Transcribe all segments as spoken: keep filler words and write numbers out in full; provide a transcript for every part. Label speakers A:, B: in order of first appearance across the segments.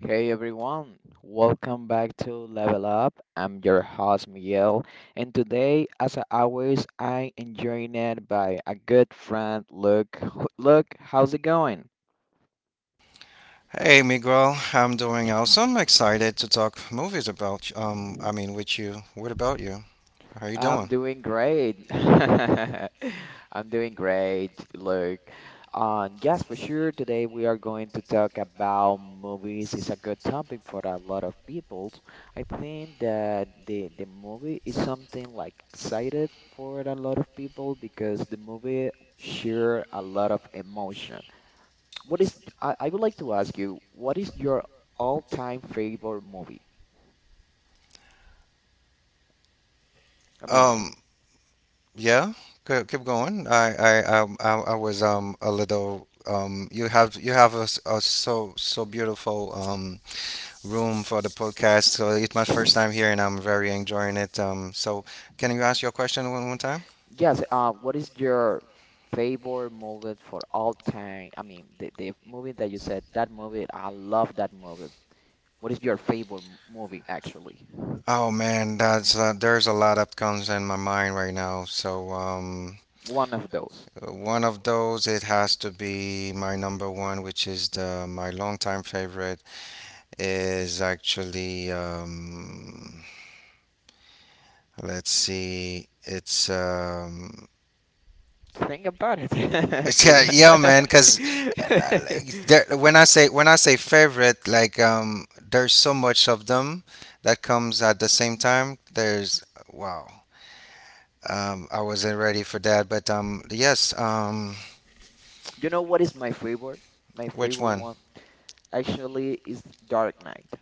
A: Hey everyone, welcome back to Level Up. I'm your host Miguel, and today, as always, I am joined by a good friend, Luke. H- Luke, how's it going?
B: Hey Miguel, I'm doing awesome. Excited to talk movies about Um, I mean, with you. What about you? How you
A: I'm
B: doing?
A: doing great. I'm doing great, Luke. Um, yes, for sure. Today we are going to talk about movies. It's a good topic for a lot of people. I think that the the movie is something like excited for a lot of people because the movie share a lot of emotion. What is I, I would like to ask you, what is your all-time favorite movie? I mean,
B: Um, yeah, keep, keep going. I, I, um, I, I was um a little um. You have you have a, s- a so so beautiful um room for the podcast. So it's my first time here, and I'm very enjoying it. Um, so can you ask your question one one time?
A: Yes, uh, what is your favorite movie for all time? I mean, the, the movie that you said, that movie, I love that movie. What is your favorite m- movie, actually?
B: Oh man, that's uh, there's a lot that comes in my mind right now. So um.
A: One of those.
B: Uh, One of those, it has to be my number one, which is the my longtime favorite, is actually um, let's see, it's um,
A: Think about it.
B: it's yeah,
A: Just
B: yeah, man, because like, there, when I say when I say favorite, like um, there's so much of them that comes at the same time. There's wow, um, I wasn't ready for that, but um, yes, um,
A: You know what is my favorite? My
B: which
A: favorite
B: one?
A: one actually is Dark Knight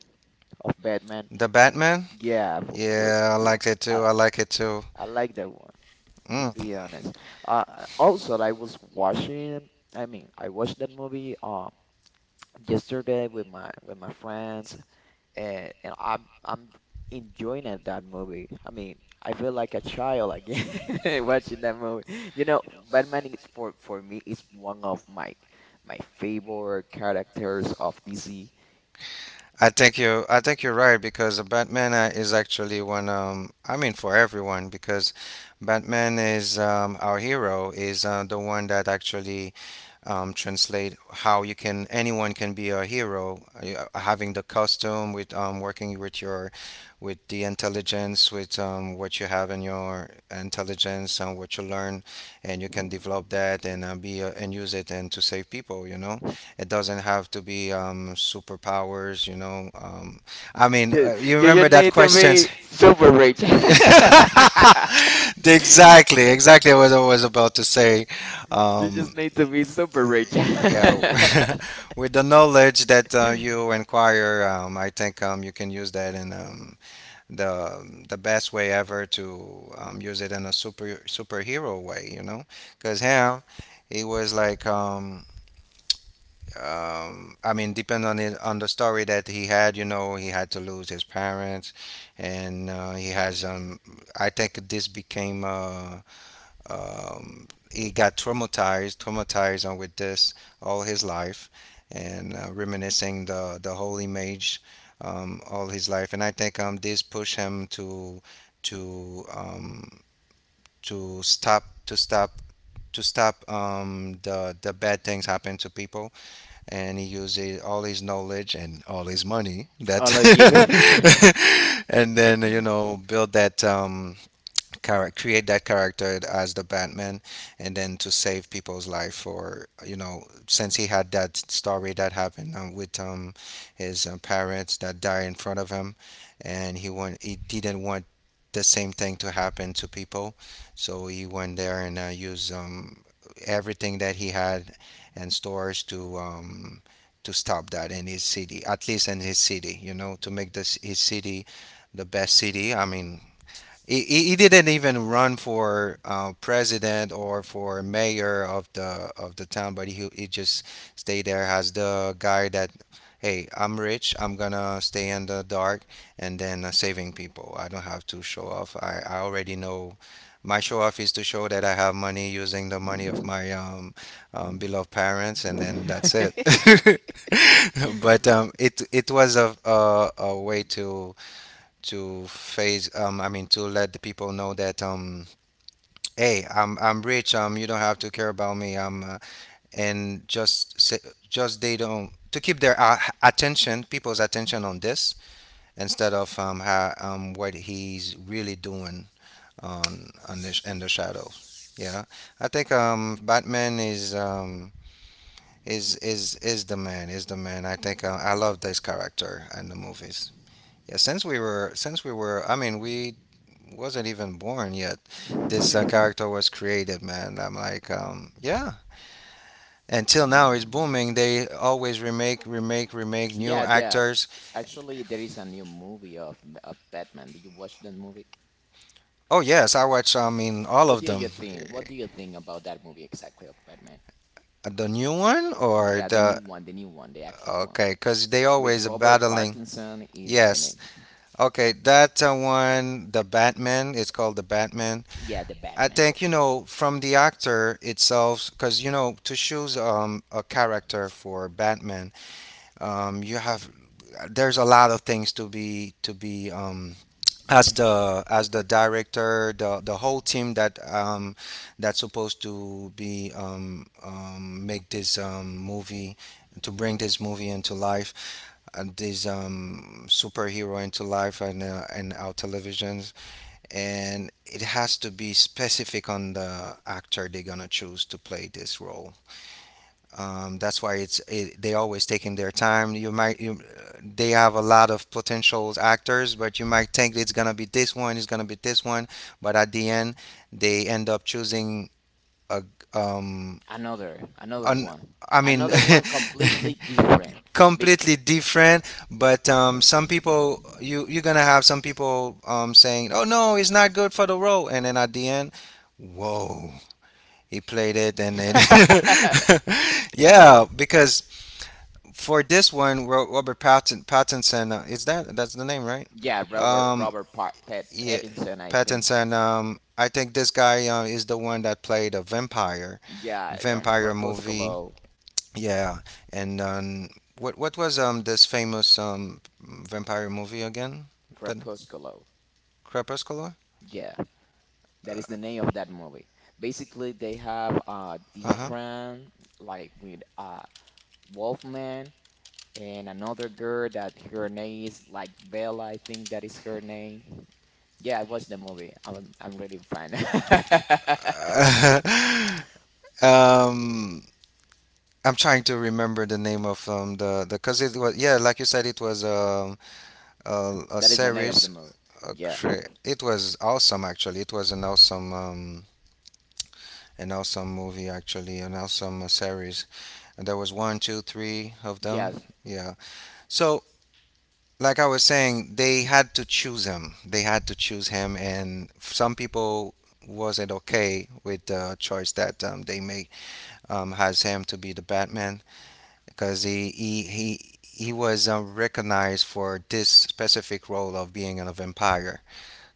A: of Batman.
B: The Batman.
A: Yeah, w- with
B: Yeah, I like it too.
A: uh,
B: I like it too.
A: I I like that to
B: Mm.
A: be honest. Uh, Also, I was watching. I mean, I watched that movie um yesterday with my with my friends, and, and I'm I'm enjoying it, that movie. I mean, I feel like a child again watching that movie. You know, Batman is for for me is one of my my favorite characters of D C.
B: I think you I think you're right because the Batman uh, is actually one um I mean for everyone because Batman is um our hero is uh, the one that actually um translate how you can anyone can be a hero uh, having the costume with um working with your with the intelligence with um what you have in your intelligence and what you learn and you can develop that and uh, be uh, and use it and to save people, you know. It doesn't have to be um, superpowers, you know. Um, I mean,
A: You
B: uh, you
A: you, you
B: remember that
A: need to
B: question?
A: be super rich.
B: Exactly, exactly what I was about to say.
A: You
B: Um,
A: just need to be super rich.
B: yeah, with the knowledge that uh, you inquire, um, I think um, you can use that in um, the the best way ever to um, use it in a super superhero way, you know. Because him, he was like. Um, um, I mean, depending on it, on the story that he had, you know, he had to lose his parents, and uh, he has um, I think this became uh, um, he got traumatized, traumatized on with this all his life, and uh, reminiscing the the whole image um, all his life, and I think um, this pushed him to to um, to stop to stop to stop um, the the bad things happen to people and he uses all his knowledge and all his money that
A: All of you.
B: and then you know build that um, character create that character as the batman and then to save people's life for you know since he had that story that happened um, with um his um, parents that died in front of him and he want he didn't want the same thing to happen to people so he went there and uh, used um everything that he had and stores to um to stop that in his city at least in his city you know to make this his city the best city I mean he, he he didn't even run for uh, president or for mayor of the of the town, but he he just stayed there as the guy that, hey, I'm rich, I'm gonna stay in the dark and then uh, saving people. I don't have to show off. I, I already know my show off is to show that I have money using the money of my um, um, beloved parents, and then that's it. but um, it it was a, a a way to to phase um I mean to let the people know that um hey i'm I'm rich um you don't have to care about me um uh, and just say, just they don't to keep their uh, attention people's attention on this instead of um, how, um what he's really doing on on this in the shadows yeah I think um batman is um is is is the man is the man I think uh, I love this character in the movies yeah since we were since we were I mean we wasn't even born yet. This uh, character was created, man. I'm like, um, yeah. Until now, it's booming. They always remake, remake, remake new
A: Yeah, yeah.
B: actors.
A: Actually, there is a new movie of of Batman. Did you watch that movie?
B: Oh yes, I watch. I mean, all
A: What
B: of
A: do
B: them.
A: you think? What do you think about that movie exactly of Batman?
B: The new one or
A: Yeah, the new
B: the
A: one, the new one, the actual one.
B: okay, because they
A: With
B: always
A: Robert
B: battling.
A: Pattinson is the
B: Yes.
A: name.
B: Okay, that uh, one, the Batman, it's called the Batman.
A: Yeah, the
B: I
A: Batman.
B: think, you know, from the actor itself, because, you know, to choose um, a character for Batman, um, you have there's a lot of things to be to be um, as the as the director the the whole team that um that's supposed to be um, um make this um movie to bring this movie into life and this um superhero into life and uh, and our televisions and it has to be specific on the actor they're gonna choose to play this role um, that's why it's it, they always taking their time. You might you, they have a lot of potential actors, but you might think it's gonna be this one, it's gonna be this one, but at the end they end up choosing a um
A: Another, another
B: an
A: one.
B: I mean
A: Another one completely different. Big
B: completely different. But um, some people you you're gonna have some people um saying, oh no, it's not good for the role, and then at the end, whoa, he played it, and then yeah, because for this one, Ro- Robert Patton, Pattinson, uh, is that that's the name, right?
A: Yeah, Robert
B: Um,
A: Robert pa- Pat
B: yeah,
A: Pattinson, I think.
B: Pattinson. Um, I think this guy uh, is the one that played a vampire,
A: Yeah, um,
B: vampire movie.
A: Crepuscolo.
B: Yeah, and um, what what was um this famous um vampire movie again? That
A: Crepusculo.
B: Crepuscular.
A: Yeah, that is the name of that movie. Basically, they have uh
B: Uh
A: different like with uh Wolfman and another girl that her name is like Bella, I think that is her name. Yeah, I watched the movie. I'm I'm really fine.
B: huh. um, I'm trying to remember the name of um the the because it was yeah like you said it was um a, a
A: That is the name of the
B: series
A: movie. Yeah.
B: Cra- It was awesome, actually. It was an awesome, um, an awesome movie, actually, an awesome uh, series. And there was one, two, three of them.
A: Yes.
B: Yeah. So, like I was saying, they had to choose him. They had to choose him, and some people wasn't okay with the choice that um, they made um, has him to be the Batman because he he he. He was um, recognized for this specific role of being a vampire,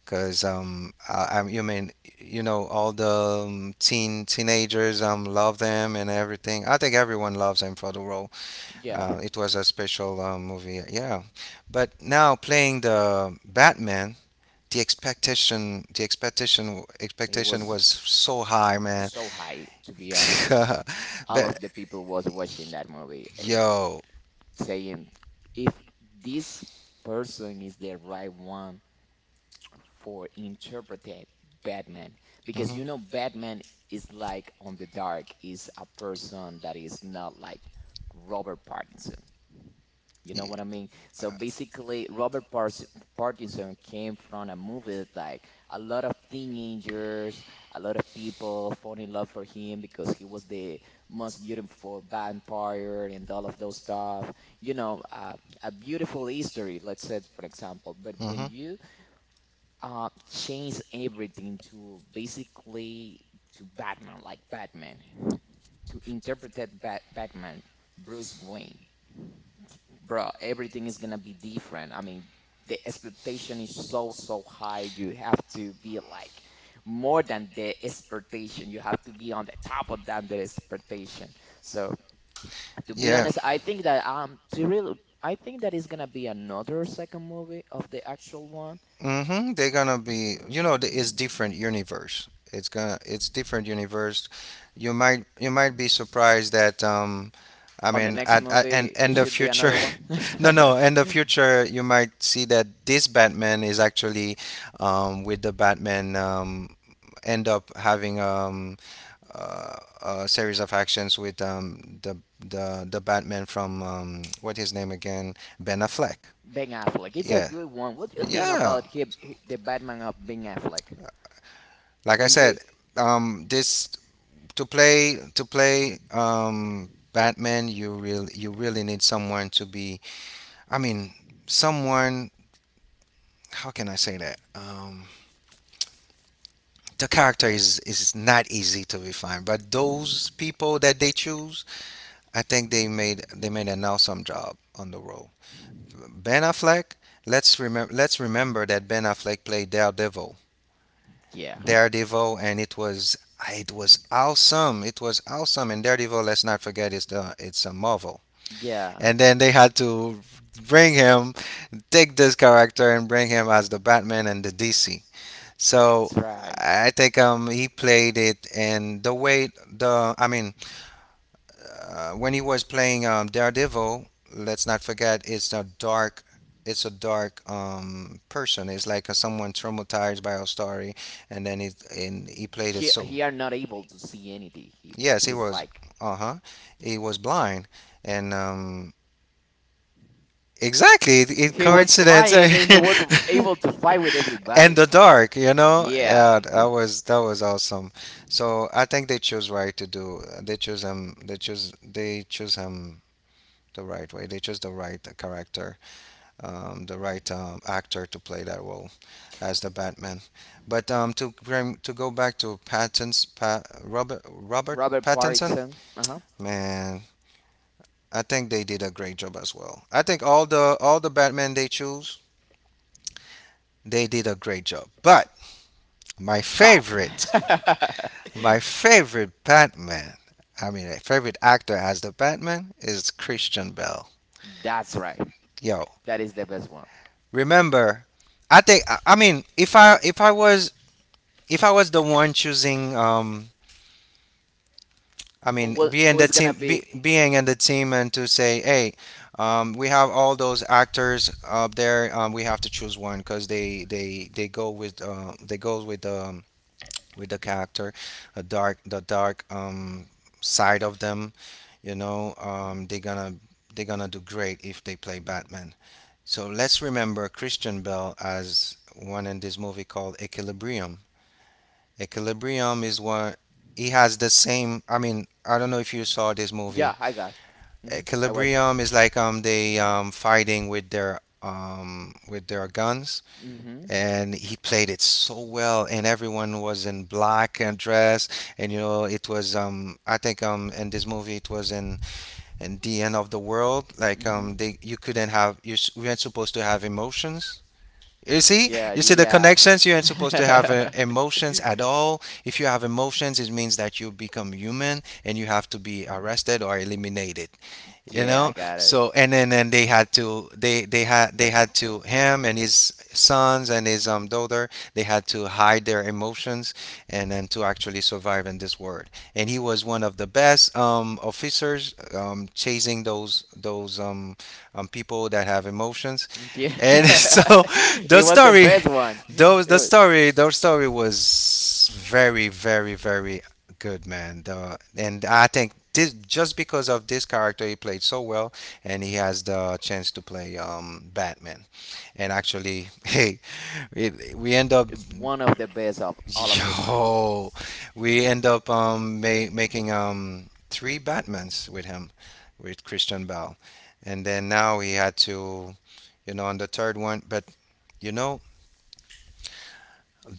B: cause um, I, I you mean you know all the um, teen teenagers um love them and everything. I think everyone loves him for the role.
A: Yeah.
B: Uh, it was a special um, movie, yeah. Yeah. But now playing the Batman, the expectation, the expectation,
A: It
B: expectation
A: was
B: was so high, man.
A: so high, to be honest. All
B: but
A: of the people was watching that movie and
B: yo,
A: saying if this person is the right one for interpreting Batman because
B: hmm.
A: you know Batman is like on the dark, is a person that is not like Robert Pattinson, you know
B: Yeah.
A: what I mean? So basically, Robert Pars Pattinson came from a movie that like a lot of teenagers, a lot of people fall in love for him because he was the most beautiful vampire and all of those stuff. You know, uh, a beautiful history, let's say, for example. But when
B: Mhm.
A: you uh, change everything to basically to Batman, like Batman, to interpret Bat Batman, Bruce Wayne, bro, everything is gonna be different. I mean, the expectation is so, so high. You have to be like more than the expectation. You have to be on the top of that the expectation. So to be
B: Yeah.
A: honest, I think that um to really I think that is gonna be another second movie of the actual one.
B: Mm-hmm. They're gonna be, you know, the- it's different universe. It's gonna, it's different universe. You might, you might be surprised that, um, I
A: On the
B: mean,
A: next
B: at, at and
A: movie,
B: and
A: it
B: the
A: should be
B: future,
A: another one.
B: no, no, in the future, you might see that this Batman is actually, um, with the Batman, um, end up having um, uh, a series of actions with um the the the Batman from um what his name again, Ben Affleck.
A: Ben Affleck, it's a
B: Yeah,
A: good one. What do you think
B: yeah.
A: about him, h- the Batman of Ben Affleck?
B: Like I
A: When you,
B: said, um, this to play to play um, Batman, you really you really need someone to be. I mean, someone. How can I say that? Um, the character is is not easy to be found, but those people that they choose, I think they made they made an awesome job on the role. Ben Affleck. Let's remember. Let's remember that Ben Affleck played Daredevil,
A: yeah,
B: Daredevil, and it was it was awesome. It was awesome. And Daredevil, let's not forget, it's the it's a Marvel.
A: yeah,
B: And then they had to bring him, take this character, and bring him as the Batman and the D C. So
A: that's right.
B: I think um he played it, and the way the I mean uh, when he was playing um, Daredevil, let's not forget it's a dark it's a dark um, person. It's like a, someone traumatized by a story, and then it and he played it
A: he
B: so.
A: he are not able to see anything. He
B: Yes, he
A: he's
B: was.
A: like
B: Uh huh. He was blind, and um, exactly, it, it
A: he was
B: coincidence. and
A: blind and he was able to fight with everybody.
B: the dark, you know.
A: Yeah,
B: Yeah, that was that was awesome. So I think they chose right to do. They chose him. They chose they chose him the right way. They chose the right character, um, the right um, actor to play that role as the Batman. But um, to bring- to go back to Patton's pa, Robert Robert
A: Robert
B: Pattinson,
A: Pattinson. Uh huh.
B: man. I think they did a great job as well. I think all the all the Batman they choose They did a great job. But my
A: But
B: favorite, my favorite Batman, I mean, my favorite actor as the Batman is Christian Bale.
A: that's right.
B: Yo,
A: That is the best one.
B: remember, I think, I I mean, if I if I was if I was the one choosing, um, I
A: Who
B: mean,
A: will,
B: being
A: who
B: the
A: is gonna
B: team, be,
A: be?
B: being in the team, and to say, hey, um, we have all those actors up there. Um, we have to choose one because they they they go with uh, they goes with the with the character, a dark the dark um side of them. You know, um, they're gonna they're gonna do great if they play Batman. So let's remember Christian Bale as one in this movie called Equilibrium. Equilibrium is what he has the same. I mean, I don't know if you saw this movie.
A: Yeah, I got. Mm-hmm. I watch.
B: Equilibrium is like um they um fighting with their um with their guns,
A: Mm-hmm.
B: and he played it so well, and everyone was in black and dress. And you know it was um I think um in this movie it was in in the end of the world. Like um
A: Mm-hmm.
B: they, you couldn't have, you s- weren't supposed to have emotions. You see,
A: Yeah,
B: you see the
A: yeah.
B: connections. You aren't supposed to have uh, emotions at all. If you have emotions, it means that you become human and you have to be arrested or eliminated. you
A: Yeah, I
B: know
A: got it.
B: so and then, and they had to, they they had they had to him and his sons and his um daughter, they had to hide their emotions and then to actually survive in this world. And he was one of the best um officers um chasing those those um, um people that have emotions
A: Yeah,
B: and so the
A: it was the
B: story,
A: best one.
B: those
A: It
B: the
A: was.
B: story the story was very very very Good man, the, and I think this just because of this character he played so well, and he has the chance to play um, Batman. And actually, hey, it, we end up
A: It's one of the best of all of the time.
B: yo, we end up um, ma- making um, three Batmans with him, with Christian Bale, and then now he had to, you know, on the third one. But, you know,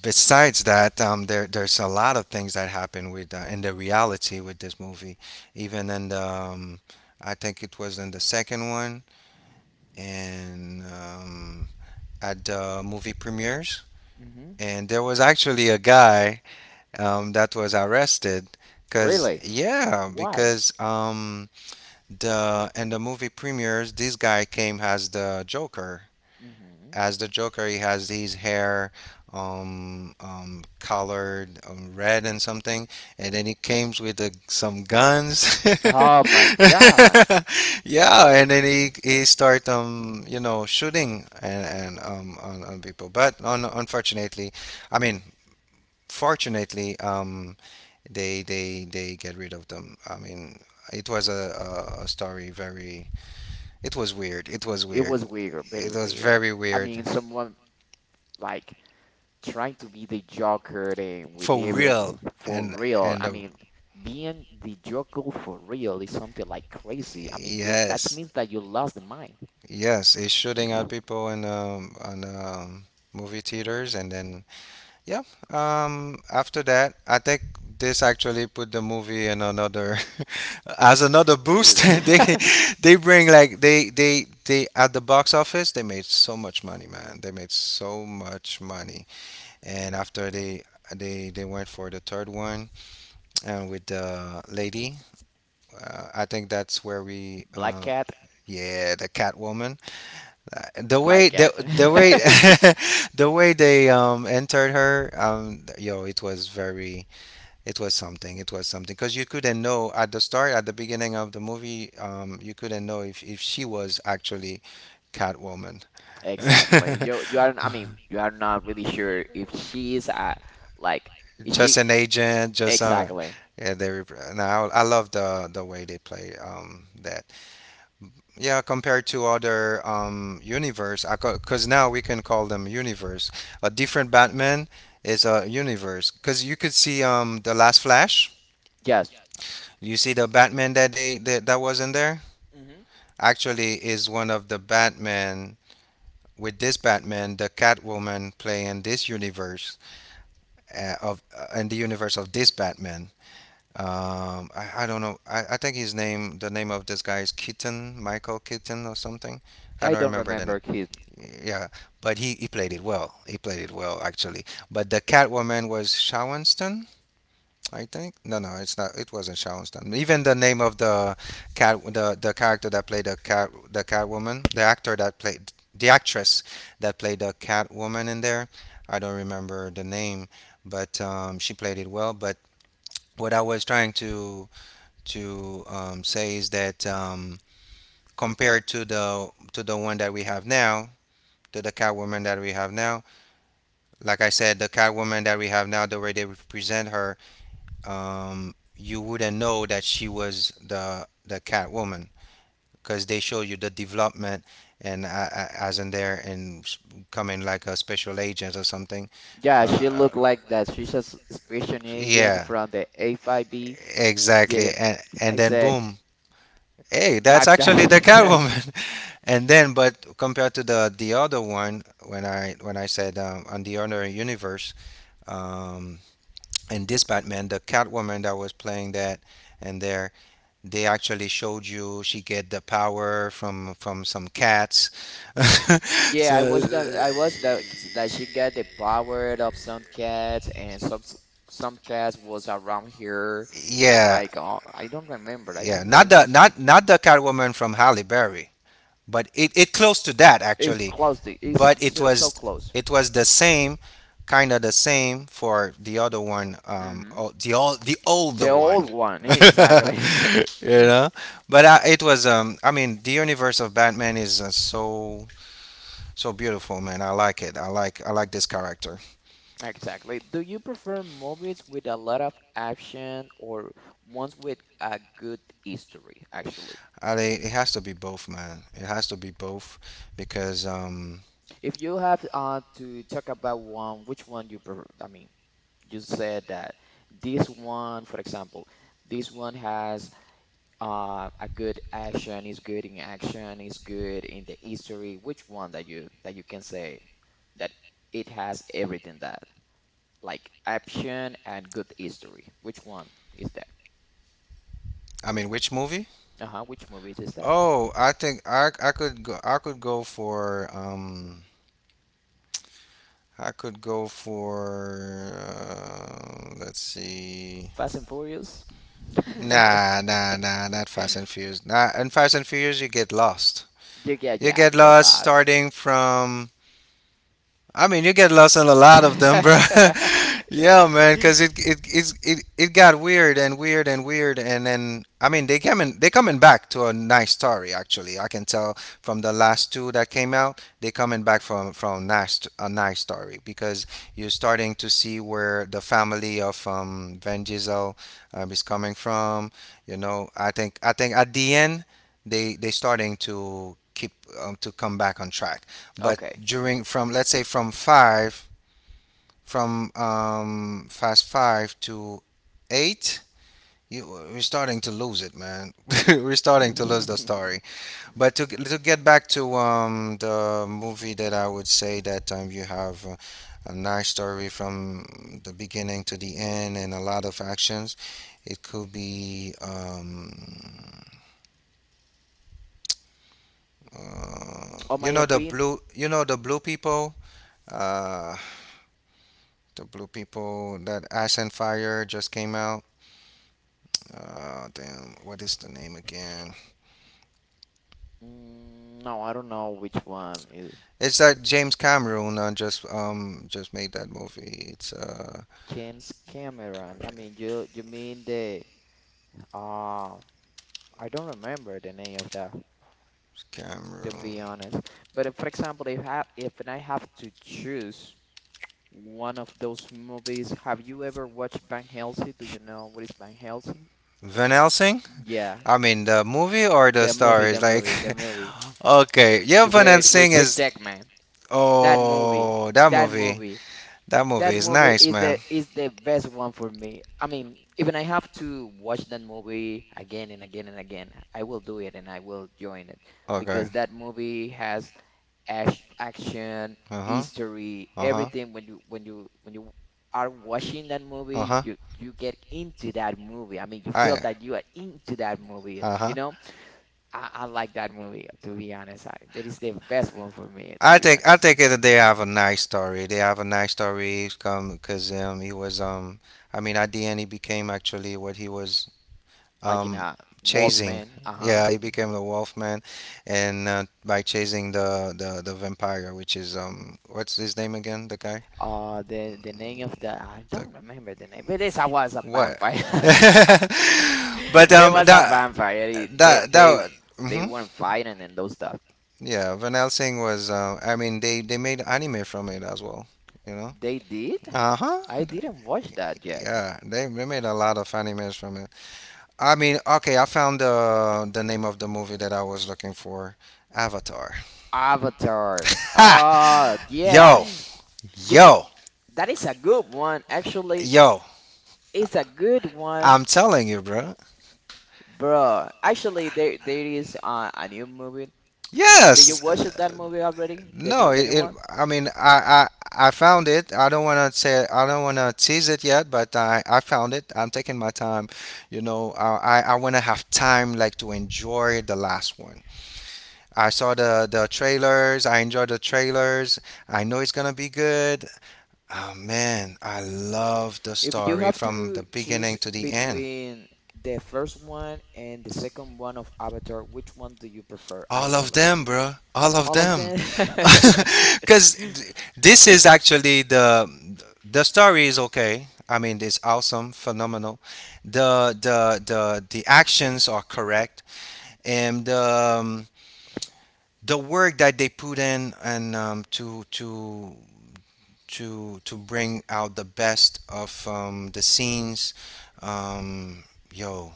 B: besides that, um, there there's a lot of things that happen with uh, in the reality with this movie. Even in the, um, I think it was in the second one, and um, at the movie premieres,
A: Mm-hmm.
B: and there was actually a guy um, that was arrested. Cause
A: Really?
B: yeah,
A: Why?
B: because um, the in the movie premieres, this guy came as the Joker,
A: Mm-hmm.
B: as the Joker. He has his hair um, um, colored um, red and something, and then he came with the, some guns.
A: Oh my God.
B: Yeah, and then he he start um you know shooting and and um on, on people. But, un- unfortunately, I mean, fortunately, um they they they get rid of them. I mean, it was a, a, a story very, it was weird, it was
A: It
B: weird
A: was weird, very
B: it was
A: weird.
B: very
A: I
B: weird
A: mean, someone like trying to be the Joker and with
B: for real.
A: everything for
B: And
A: real.
B: and
A: I
B: uh,
A: mean, being the Joker for real is something like crazy. I mean, you that
B: yes,
A: means that you lost the mind.
B: yes, it's shooting at people in um on um movie theaters, and then yeah, um after that I think this actually put the movie in another as another boost.
A: Is-
B: they they bring like they they they at the box office, they made so much money, man, they made so much money. And after they, they they went for the third one, and with the lady. Uh, I think that's where we,
A: Black
B: uh,
A: cat,
B: yeah, the Catwoman. Uh, The
A: black
B: way the
A: cat.
B: the way the way they um entered her, um, yo, it was very, it was something. It was something because you couldn't know at the start, at the beginning of the movie, um, you couldn't know if if she was actually Catwoman,
A: Exactly. You you are, I mean, you are not really sure if she is uh like is
B: just
A: she
B: an agent, just uh,
A: exactly.
B: yeah, they. Rep- now I love the the way they play um that. Yeah, compared to other um universe, because now we can call them universe, a different Batman is a universe. Because you could see um the last Flash,
A: Yes.
B: you see the Batman that they that, that was in there, actually is one of the Batman. With this Batman, the Catwoman play in this universe, uh, of uh, in the universe of this Batman. um i, I don't know, I, I think his name, the name of this guy is Keaton, Michael Keaton or something. I
A: I
B: don't
A: don't
B: remember the name.
A: remember his.
B: Yeah, but he, he played it well. He played it well actually. But the Catwoman was Shawenston, I think. No, no, it's not. It wasn't Shawenston. Even the name of the cat, the the character that played the cat, the Catwoman, the actor that played the actress that played the Catwoman in there, I don't remember the name, but um, she played it well. But what I was trying to to um, say is that um, compared to the to the one that we have now, to the Catwoman that we have now. Like I said, the Catwoman that we have now, the way they represent her, um, you wouldn't know that she was the the Catwoman, because they show you the development, and uh, uh, as in there and s- coming like a special agent or something.
A: Yeah, she
B: Uh,
A: looked like that. She's a s- special agent
B: yeah,
A: from the A five B. Yeah,
B: exactly. And
A: like I
B: and then
A: said,
B: boom, hey, that's
A: black
B: actually the
A: guy.
B: Catwoman. And then, but compared to the the other one, when I when I said um, on the other universe, um, and this Batman, the Catwoman that was playing that, and there they actually showed you she get the power from from some cats.
A: Yeah, I watched that.
B: So
A: I watched that that she got the power of some cats, and some s- some cats was around here.
B: yeah,
A: Like uh, I don't remember. I
B: yeah,
A: think that it
B: not the
A: was
B: not not the Catwoman from Halle Berry, but it, it close to that
A: it
B: actually.
A: close. to- It's
B: But it
A: so so
B: was,
A: close.
B: it was the same, kind of the same for the other one. Um
A: Hmm
B: oh, the old, the
A: The
B: older one.
A: old one, exactly.
B: You know, but I, it was um i mean the universe of Batman is uh, so, so beautiful, man. I like it, i like I like this character.
A: Exactly. Do you prefer movies with a lot of action or ones with a good history, actually?
B: I, think it has to be both, man, it has to be both. Because um
A: If you have uh, to talk about one, which one you prefer? I mean, you said that this one, for example, this one has uh, a good action, is good in action, is good in the history. Which one that you that you can say that it has everything that like action and good history? Which one is that?
B: i mean which movie?
A: Uh-huh, which movie is that?
B: Oh, I think I I could go, I could go for um I could go for uh, let's see.
A: Fast and Furious.
B: Nah, nah, nah, not Fast and Furious. Nah, in Fast and Furious you get lost.
A: You get,
B: You
A: yeah,
B: get
A: you get
B: lost
A: lost.
B: starting from, I mean, you get lost in a lot of them, bro. Yeah, man, because it it it's, it it got weird and weird and weird, and then I mean, they coming they coming back to a nice story. Actually, I can tell from the last two that came out, they coming back from from nice a nice story, because you're starting to see where the family of um Van Diesel um, is coming from. You know, I think I think at the end they they starting to keep um, to come back on track. But
A: Okay.
B: during, from let's say from five, from um Fast Five to eight, you, we're starting to lose it, man. We're starting to lose the story. But to, to get back to um the movie that I would say that um you have uh, a nice story from the beginning to the end and a lot of actions. It could be um uh,
A: On my
B: you know the
A: opinion,
B: blue, you know the blue people, uh the blue people that Ash and Fire just came out. Uh, damn, what is the name again?
A: mm, no, I don't know which one is
B: It's
A: is
B: that James Cameron uh, just um just made that movie. It's uh
A: James Cameron. I mean, you you mean the uh, I don't remember the name of that to
B: Cameron.
A: be honest. But if, for example, if I if I have to choose one of those movies, have you ever watched Van Helsing? Do you know what is Van Helsing?
B: Van Helsing.
A: Yeah.
B: I mean, the movie or the
A: The
B: star
A: movie,
B: is
A: the
B: like
A: movie, the movie.
B: okay. Yeah,
A: The
B: Van
A: with
B: Helsing
A: with Hugh
B: is,
A: Jackman. That movie,
B: oh, that
A: that
B: movie.
A: movie,
B: That
A: that
B: movie is
A: movie
B: nice,
A: is the
B: man.
A: is the best one for me. I mean, even I have to watch that movie again and again and again. I will do it and I will join it
B: Okay.
A: because that movie has ash, action,
B: Uh huh.
A: history,
B: Uh huh.
A: everything. When you when you when you are watching that
B: Uh
A: movie,
B: huh.
A: you you get into that movie. I mean, you feel
B: I.
A: that you are into that movie.
B: Uh
A: You
B: huh.
A: know I, I like that movie, to be honest. I, that is the best one for me, to
B: I
A: be
B: think, I
A: honest.
B: think that they have a nice story. They have a nice story come because um he was um I mean at the end he became actually what he was
A: Like in
B: um
A: a
B: chasing.
A: Wolfman, uh-huh.
B: Yeah, he became the Wolf Man, and uh, by chasing the, the the vampire, which is um what's his name again? The guy.
A: Uh, the the name of the I
B: The,
A: don't remember the name, but this I was a
B: what?
A: vampire.
B: But
A: It
B: um
A: was a
B: that,
A: vampire. It- They
B: that
A: they
B: that.
A: they
B: Mm-hmm.
A: weren't fighting and those stuff.
B: Yeah, Van Helsing was. Uh, I mean, they they made anime from it as well. You know.
A: They did?
B: Uh huh.
A: I didn't watch that yet.
B: Yeah, they, they made a lot of animes from it. I mean, okay, I found the the name of the movie that I was looking for: Avatar.
A: Avatar.
B: Ha!
A: Oh yeah.
B: Yo,
A: Good.
B: yo,
A: That is a good one. Actually,
B: yo!
A: it's a good one.
B: I'm telling you, bro.
A: Bro, actually, there there is uh, a new movie. Did you
B: Yes,
A: watch that
B: uh,
A: movie already? The
B: no,
A: new the new
B: it, it.
A: one?
B: I mean, I, I, I found it. I don't want to say, I don't want to tease it yet, but I, I found it. I'm taking my time. You know, I, I I want to have time like to enjoy the last one. I saw the the trailers. I enjoyed the trailers. I know it's gonna be good. Oh man, I love the
A: If you
B: story
A: have
B: from the
A: to choose
B: beginning to the end.
A: between the first one and the second one of Avatar, which one do you prefer
B: All of
A: actually?
B: them, bro. All of
A: All of
B: them.
A: them?
B: Cuz this is actually the the story is okay. I mean, it's awesome, phenomenal. The the the the actions are correct, and um, the work that they put in, and um, to to to to bring out the best of um, the scenes. Um, Yo,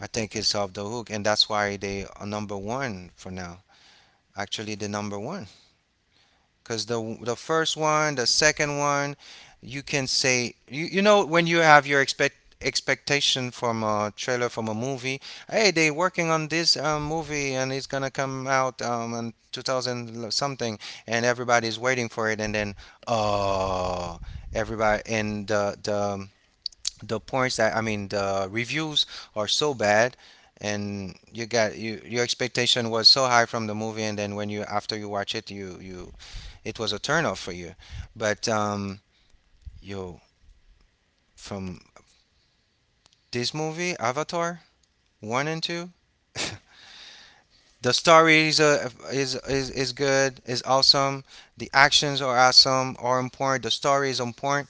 B: I think it's off the hook, and that's why they are number one for now. Actually, the number one because the the first one, the second one, you can say you, you know when you have your expect expectation from a trailer from a movie. Hey,
A: hmm
B: they working on this um, movie and it's gonna come out um in two thousand something, and everybody's waiting for it, and then uh everybody and the the the points that I mean the reviews are so bad. And you got you, your expectation was so high from the movie, and then when you after you watch it, you you it was a turnoff for you. But um, yo, from this movie, Avatar one and two, the story is, uh, is is is good, is awesome. The actions are awesome, are important. The story is on point.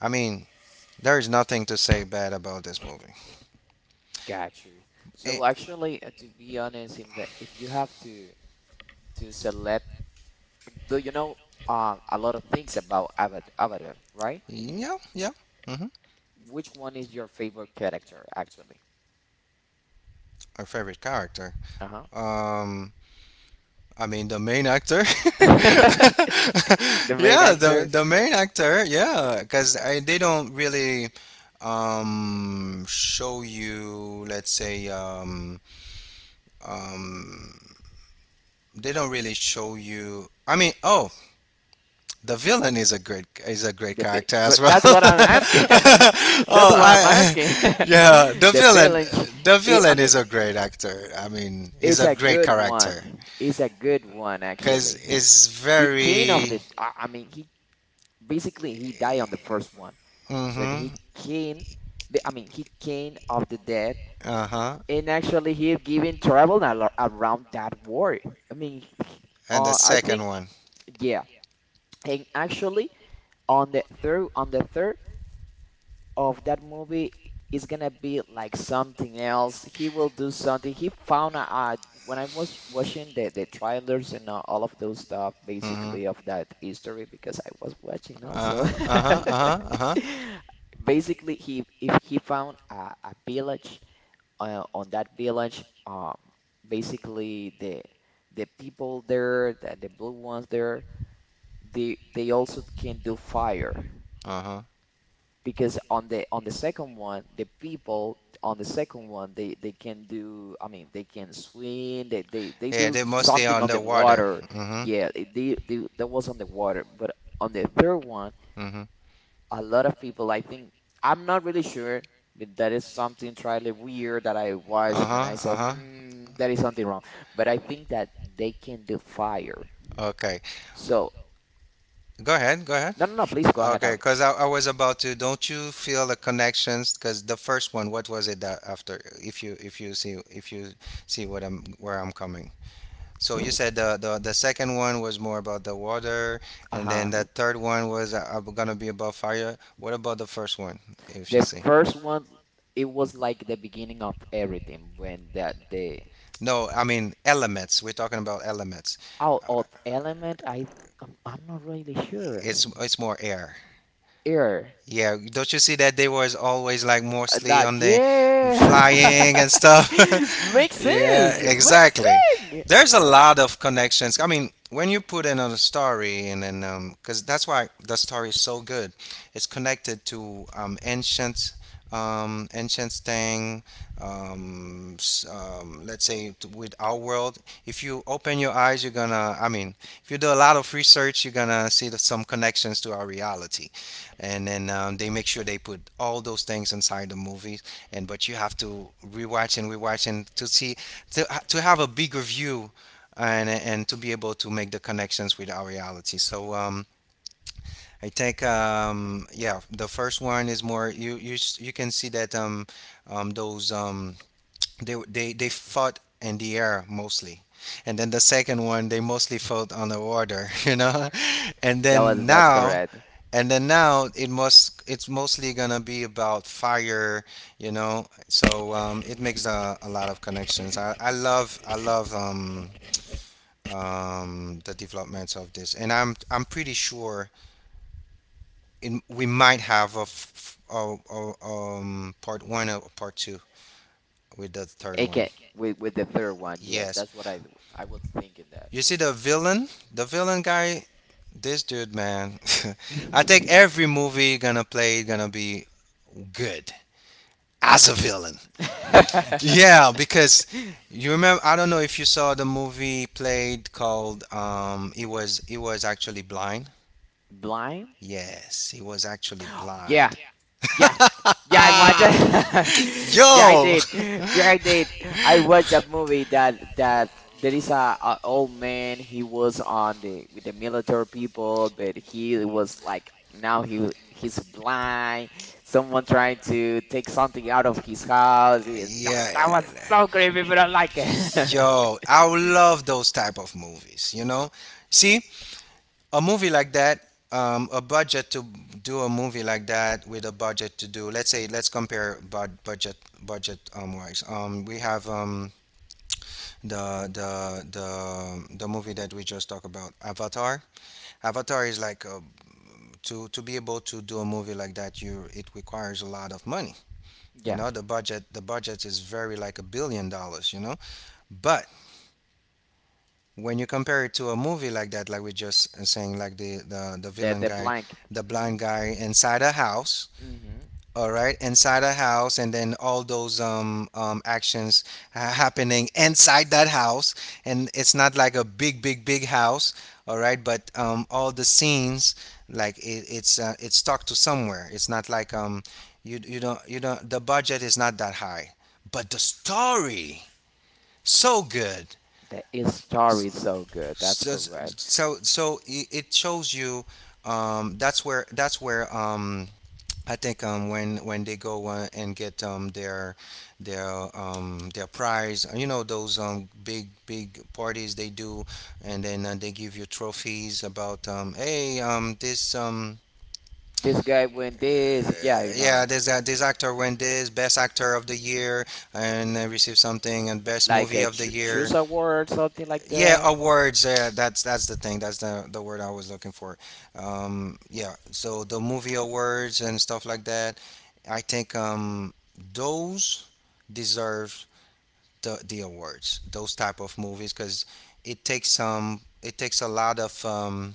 B: I mean, there is nothing to say bad about this movie.
A: Got you.
B: Eh,
A: So actually, uh, to be honest, if the- if you have to to select, do you know um a lot of things about Avat Avatar, right?
B: yeah, yeah. Hmm.
A: Which one is your favorite character actually?
B: Our favorite character.
A: Uh-huh.
B: Um, I mean, the main actor.
A: The main
B: Yeah, the
A: actor,
B: the main actor. Yeah, because I they don't really um show you. Let's say um um they don't really show you. I mean, oh, the villain is a great is a great
A: the bi-
B: character as
A: but
B: well.
A: that's what I'm asking. That's
B: oh,
A: what I'm
B: I
A: asking.
B: yeah, the
A: The
B: villain
A: villain,
B: the
A: it, I
B: villain
A: mean,
B: is a great actor. I mean, is
A: it's
B: a
A: a
B: great
A: good one.
B: character
A: It's a good one
B: because
A: actually.
B: it's
A: He came of
B: very.
A: the, I, I mean, he basically he died on the first one, but he
B: Mm-hmm.
A: came, the- I mean, he came of the dead,
B: Uh huh.
A: and actually he given travel al around that world. I mean,
B: And the
A: uh, I
B: second
A: think
B: one.
A: yeah, and actually on the third on the third of that movie is gonna be like something else. He will do something. He found out when I was watching the the trailers and all all of those stuff,
B: Mm hmm.
A: basically of that history, because I was watching
B: Uh
A: also.
B: huh. Uh huh. Uh huh. Uh huh.
A: Basically, he if he found a, a village, uh, on that village, um, basically the the people there, the, the blue ones there, they they also can do fire
B: Uh huh.
A: because on the on the second one the people on the second one they they can do, I mean, they can swim, they they, they
B: Yeah,
A: do
B: they're mostly
A: something
B: on
A: on
B: the
A: the
B: water.
A: water.
B: Mm
A: Yeah, it- they, they that was on the water, but on the third one
B: hmm. Mm hmm.
A: a lot of people I think I'm not really sure, but that is something totally weird that I
B: Uh
A: watched and
B: huh.
A: I
B: Uh
A: said,
B: huh.
A: mm, that is something wrong, but I think that they can do fire,
B: Okay.
A: so
B: Go ahead. Go ahead.
A: no, no, no, please go ahead.
B: Okay.
A: Uh,
B: Because I, I was about to. Don't you feel the connections? Because the first one, what was it that after? If you if you see if you see what I'm where I'm coming. So you said the, the the second one was more about the water, and then
A: uh-huh.
B: the third one was uh, uh, gonna be about fire. What about the first one, if you
A: The
B: see?
A: first one, it was like the beginning of everything when the the
B: No, I mean elements. We're talking about elements.
A: out of element. I th- I'm, I'm not really sure.
B: It's it's more air.
A: Air,
B: Yeah, don't you see that they was always like
A: Uh,
B: mostly
A: like
B: on the flying
A: yeah,
B: and stuff?
A: makes
B: Yeah,
A: sense. Makes
B: exactly.
A: sense.
B: There's a lot of connections. I mean, when you put in a story, and then um, because that's why the story is so good, it's connected to um, ancient, um, ancient thing. Um, s- um, let's say to, with our world. If you open your eyes, you're gonna. I mean, if you do a lot of research, you're gonna see the, some connections to our reality, and then um, they make sure they put all those things inside the movies. And but you have to rewatch and rewatch and to see to to have a bigger view and and to be able to make the connections with our reality. So um, I think um, yeah, the first one is more you you s- you can see that um, um, those um, they they they fought in the air mostly. And then the second one, they mostly fought on the water, you know. And
A: That
B: then
A: was that's
B: now
A: correct.
B: and then now it must it's mostly gonna be about fire, you know. So um, it makes a, a lot of connections. I, I love I love um, um, the developments of this, and I'm I'm pretty sure in, we might have a, f- a, a um, part one or part two with the third
A: It
B: one.
A: can with with the third one. Yeah,
B: Yes,
A: that's what I I was thinking that.
B: you see the villain, the villain guy, this dude, man. I think every movie gonna play gonna be good as a villain. Yeah, because you remember, I don't know if you saw the movie played called um it was it was actually blind.
A: Blind?
B: Yes, he was actually blind.
A: Yeah. Yeah. Yeah, I watched it. Yeah, I
B: Yo.
A: did. Yeah, I did. I watched that movie that that there is a, a old man. He was on the with the military people, but he was like now he he's blind. Someone trying to take something out of his house. It- That, that was
B: Yeah.
A: so creepy, but I like it.
B: Yo, I love those type of movies, you know? See, a movie like that, um, a budget to do a movie like that with a budget to do, let's say, let's compare bud budget budget um wise. Um, we have um the the the the movie that we just talked about, Avatar. Avatar is like, uh, to to be able to do a movie like that, you it requires a lot of money. You
A: Yeah,
B: know, the budget the budget is very like a billion dollars. You know, but when you compare it to a movie like that, like we just uh, saying, like the the the
A: the
B: villain
A: the
B: guy,
A: blank.
B: the blind
A: Mhm.
B: guy inside a house,
A: Mhm.
B: all right, inside a house, and then all those um, um actions ha- happening inside that house, and it's not like a big big big house, all right, but um all the scenes, like it, it's uh, it's stuck to somewhere, it's not like um you you don't you don't, the budget is not that high, but the story so good.
A: The story is so good. That's
B: So so
A: correct.
B: so so, it it shows you um that's where that's where um I think um, when when they go uh, and get um, their their um, their prize, uh, you know those um, big big parties they do, and then uh, they give you trophies about um, hey um, this um,
A: This guy went this. Yeah,
B: uh,
A: you
B: yeah,
A: know.
B: this uh, this actor won this best actor of the year, and uh, received something, and best
A: Like
B: movie
A: a
B: of the
A: cho
B: year.
A: choose a word, something like
B: Yeah,
A: that.
B: awards. Yeah, that's that's the thing. That's the the word I was looking for. Um, yeah. So the movie awards and stuff like that. I think um, those deserve the the awards. Those type of movies, because it takes um it takes a lot of um,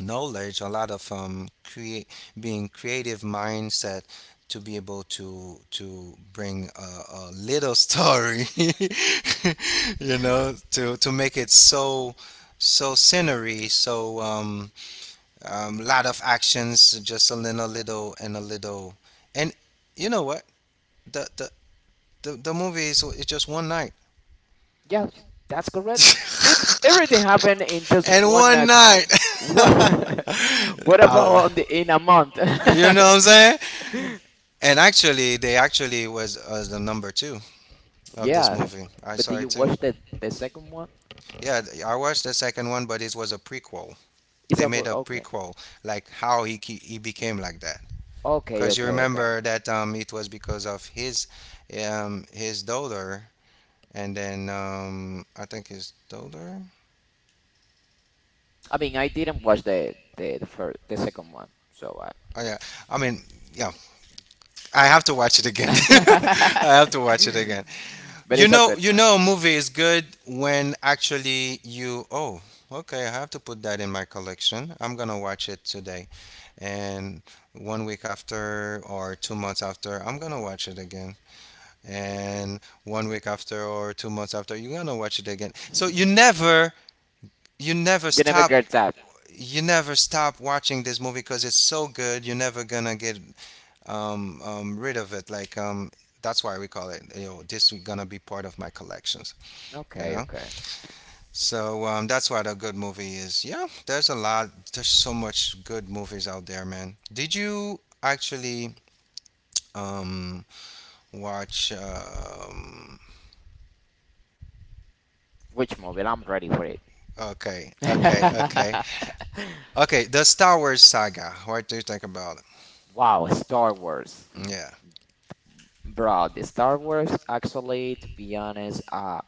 B: knowledge, a lot of um, create being creative mindset to be able to to bring a, a little story, you know, to to make it so so scenery, so um, um, lot of actions, just a little little and a little, and you know what, the the the, the movie is, it's just one night.
A: Yes, that's correct. It Everything happened in just
B: And
A: one
B: one
A: night.
B: night.
A: What? What about
B: Allah.
A: on the in a month?
B: You know what I'm saying? And actually, they actually was uh, the number two of this
A: Yeah,
B: movie. I
A: but
B: saw
A: did you
B: it too.
A: watch the the second one?
B: Yeah, th- I watched the second one, but it was a prequel.
A: Is
B: They
A: that
B: made
A: what?
B: a
A: Okay,
B: prequel, like how he ke- he became like that.
A: okay,
B: Because you
A: okay, okay.
B: remember that um, it was because of his um, his daughter, and then um, I think his daughter.
A: I mean, I didn't watch the the the first the second one, so I.
B: Oh yeah. I mean, yeah. I have to watch it again. I have to watch it again.
A: But
B: You
A: it's a
B: know,
A: good
B: you
A: movie.
B: know, a movie is good when actually you. Oh, okay. I have to put that in my collection. I'm gonna watch it today, and one week after or two months after, I'm gonna watch it again. And one week after or two months after, you're gonna watch it again. So you never, you never
A: You never
B: stop
A: get that.
B: you never stop watching this movie because it's so good. You're never gonna get um, um, rid of it. Like um, that's why we call it. You know, this is gonna be part of my collections. You
A: Okay,
B: know,
A: okay.
B: so um, that's what a good movie is. Yeah, there's a lot. There's so much good movies out there, man. Did you actually um, watch? Um,
A: Which movie? I'm ready for.
B: okay, okay, okay, okay. The Star Wars saga. What do you think about it?
A: Wow, Star Wars.
B: Yeah.
A: Bro, the Star Wars, actually, to be honest, uh,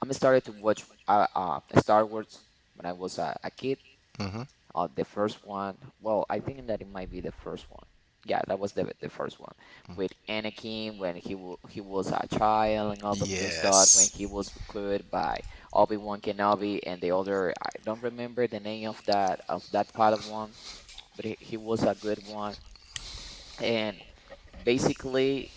A: I'm started to watch uh, uh, Star Wars when I was a, a kid.
B: Mm-hmm.
A: Uh, the first one, well, I think that it might be the first one. Yeah, that was the the first one with Anakin when he wa- he was a child and all of those stuff when
B: Yes.
A: he was recruited by Obi-Wan Kenobi, and the other I don't remember the name of that of that Padawan, but he, he was a good one. And basically,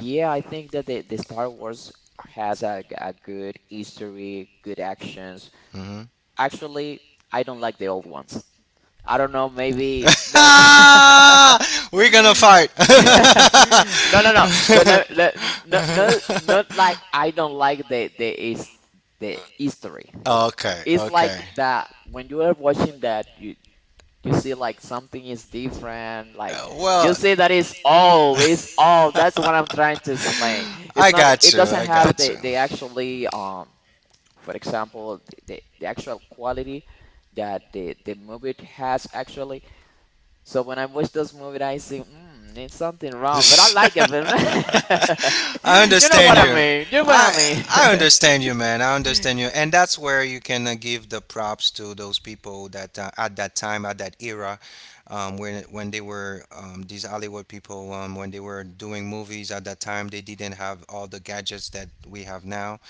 A: yeah, I think that the, the Star Wars has a, g- a good history, good actions.
B: Hmm.
A: Actually, I don't like the old ones. I don't know, maybe no, no,
B: We're gonna fight.
A: no, no, no. But let, let, no, no, not like I don't like the the is the history.
B: Okay,
A: It's like
B: okay.
A: that when you are watching that, you you see like something is different, like
B: Uh,
A: you
B: well,
A: see that it's all it's all that's what I'm trying to explain. It's
B: I
A: not,
B: got
A: it
B: you.
A: doesn't
B: I
A: have
B: got you.
A: the the actually, um for example, the, the, the actual quality that the the movie has, actually. So when I watch those movies, I see, mm, there's something wrong, but I like it, but.
B: I
A: You know
B: understand
A: what I
B: you.
A: mean, you know what I
B: I
A: mean?
B: I understand you, man. I understand you, and that's where you can uh, give the props to those people that uh, at that time, at that era, um, when when they were um, these Hollywood people, um, when they were doing movies at that time, they didn't have all the gadgets that we have now.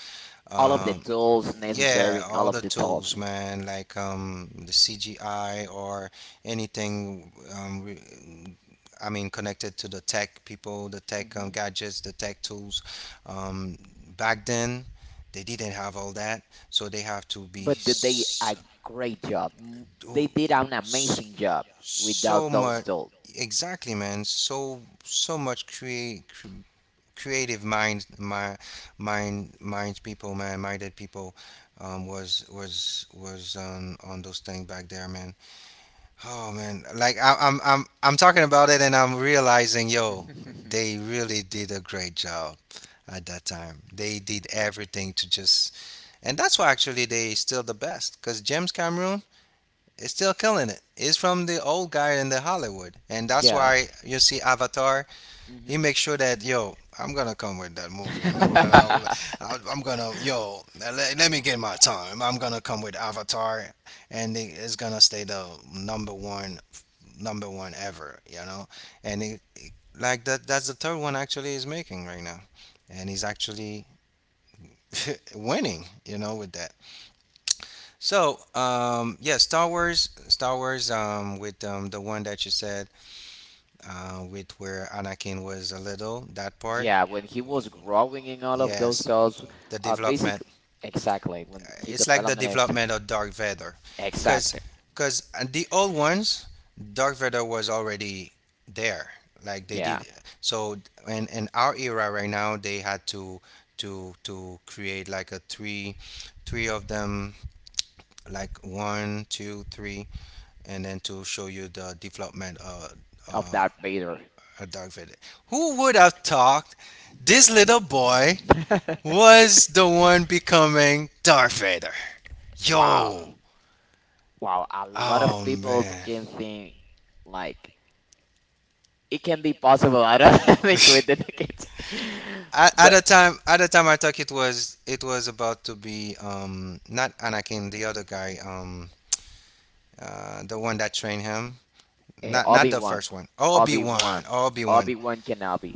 A: All of the
B: Um,
A: tools
B: yeah,
A: necessary and all
B: all
A: of
B: the
A: the
B: tools,
A: tools.
B: man, like um, the C G I or anything. Um, re- I mean, connected to the tech people, the tech um,
A: Hmm.
B: gadgets, the tech tools. Um, back then, they didn't have all that, so they have to be
A: But did they did
B: s-
A: a great job. M-
B: do-
A: They did an
B: s-
A: amazing job without
B: so
A: those
B: much.
A: told.
B: Exactly, man. So so much create creative mind, mind, mind, minds people, man, minded people, um, was was was on on those things back there, man. Oh man, like I, I'm I'm I'm talking about it and I'm realizing, yo, they really did a great job at that time. They did everything to just, and that's why actually they still the best, cause James Cameron is still killing it. He's from the old guy in the Hollywood, and that's
A: Yeah.
B: why you see Avatar, he
A: Hmm.
B: makes sure that yo, I'm gonna come with that movie, and I, I, I'm gonna yo, let, let me get my time. I'm gonna come with Avatar, and it- it's gonna stay the number one, number one ever, you know. And it, it- like that, that's the third one actually he's making right now, and he's actually winning, you know, with that. So, um, yeah, Star Wars, Star Wars, um, with um, the one that you said, uh, with where Anakin was a little. That part,
A: Yeah, when he was growing in all of those
B: yes,
A: dolls,
B: the
A: uh,
B: development.
A: basically, exactly, when
B: uh,
A: he
B: It's like the
A: developed,
B: development of Dark Vader, because
A: exactly,
B: because the old ones, Dark Vader was already there. Like they
A: yeah,
B: did. So in in our era right now, they had to to to create like a three three of them, like one two three, and then to show you the development uh,
A: of
B: uh
A: Darth Vader.
B: a dog vendor. Who would have thought this little boy was the one becoming Darth Vader?
A: Wow,
B: Yo,
A: wow, a lot of
B: oh
A: people
B: man.
A: can think like it can be possible. I don't think we did the kids,
B: At, at
A: but.
B: the time, at the time, I thought it was it was about to be um not Anakin, the other guy, um uh the one that trained him,
A: Uh,
B: not not
A: Obi
B: the
A: Wan,
B: first one. Obi
A: Obi
B: Wan,
A: Wan,
B: Obi Wan,
A: Obi Wan Kenobi.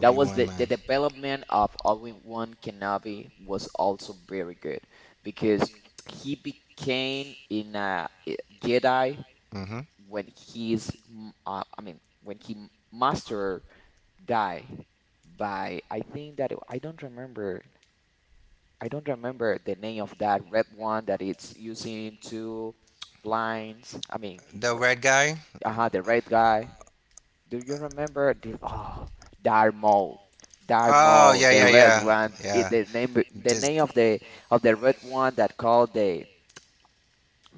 A: That was
B: Wan,
A: the the
B: man.
A: development of Obi Wan Kenobi, was also very good because he became in a eh, Jedi
B: Hmm.
A: when he's m- uh, I mean when he m- master die by, I think that I don't remember I don't remember the name of that red one that it's using to blinds, I mean,
B: The red guy?
A: uh the red guy. Do you remember the, oh Darmo,
B: Oh,
A: Darmo,
B: yeah,
A: the
B: yeah,
A: red
B: yeah.
A: one? It,
B: Yeah.
A: the name, the
B: Dis-
A: name of the of the red one that called the,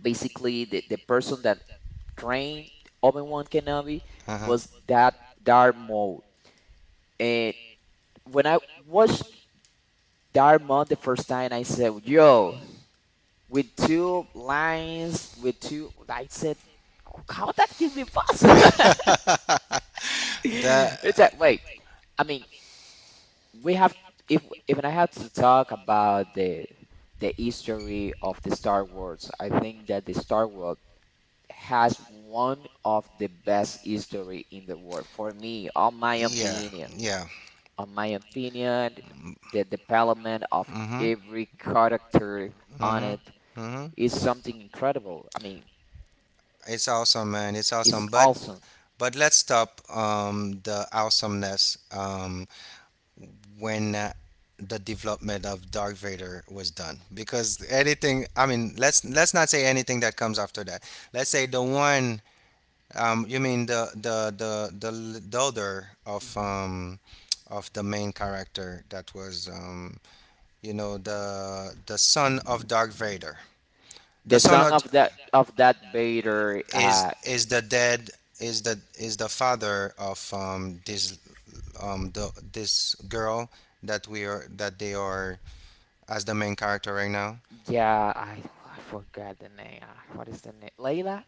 A: basically the, the person that trained Obi Wan Kenobi
B: uh-huh.
A: was that Darmo. And when I watched Darmo the first time, I said, "Yo, with two lines, with two," I said, "How that can be possible?"
B: the,
A: It's like, wait, I mean, we have if if I had to talk about the the history of the Star Wars, I think that the Star Wars has one of the best history in the world for me, on my
B: yeah,
A: opinion.
B: yeah.
A: On my opinion, the development of
B: Mm-hmm.
A: every character on it
B: Mm-hmm. Mm-hmm.
A: is something incredible. I mean,
B: It's awesome, man. It's
A: it's
B: awesome. But
A: awesome.
B: but let's stop um, the awesomeness. Um, when uh, the development of Darth Vader was done, because anything, I mean, let's let's not say anything that comes after that. Let's say the one, um you mean the the the the daughter of
A: Hmm.
B: um of the main character that was um you know, the the son of Darth Vader,
A: The
B: the son
A: song
B: of
A: of that of that Vader,
B: is
A: uh,
B: is the dead, is the is the father of um this, um the, this girl that we are that they are as the main character right now.
A: yeah, I I forgot the name. Uh, What is the name? Layla?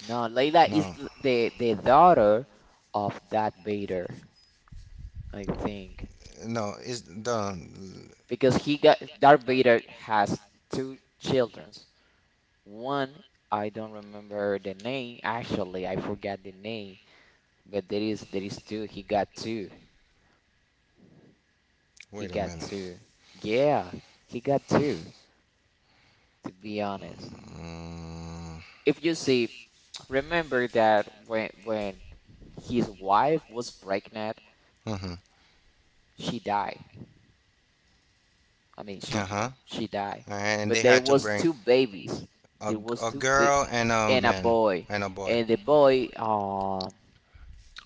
A: No, Layla is
B: No,
A: th- the the daughter of Darth Vader, I think,
B: no, it's the.
A: because he got Darth Vader has two children. One, I don't remember the name. Actually, I forgot the name, but there is there is two. He got two. He
B: Wait a
A: got
B: minute.
A: two. Yeah, he got two, to be honest.
B: Mm.
A: If you see, remember that when when his wife was pregnant,
B: Mm-hmm.
A: she died. I mean,
B: Uh
A: she
B: huh.
A: she died,
B: And
A: but
B: they
A: there
B: had to
A: was
B: bring
A: two babies.
B: a,
A: There was
B: a
A: two big
B: girl and a
A: and a
B: man
A: boy,
B: and a boy.
A: and the boy. Uh,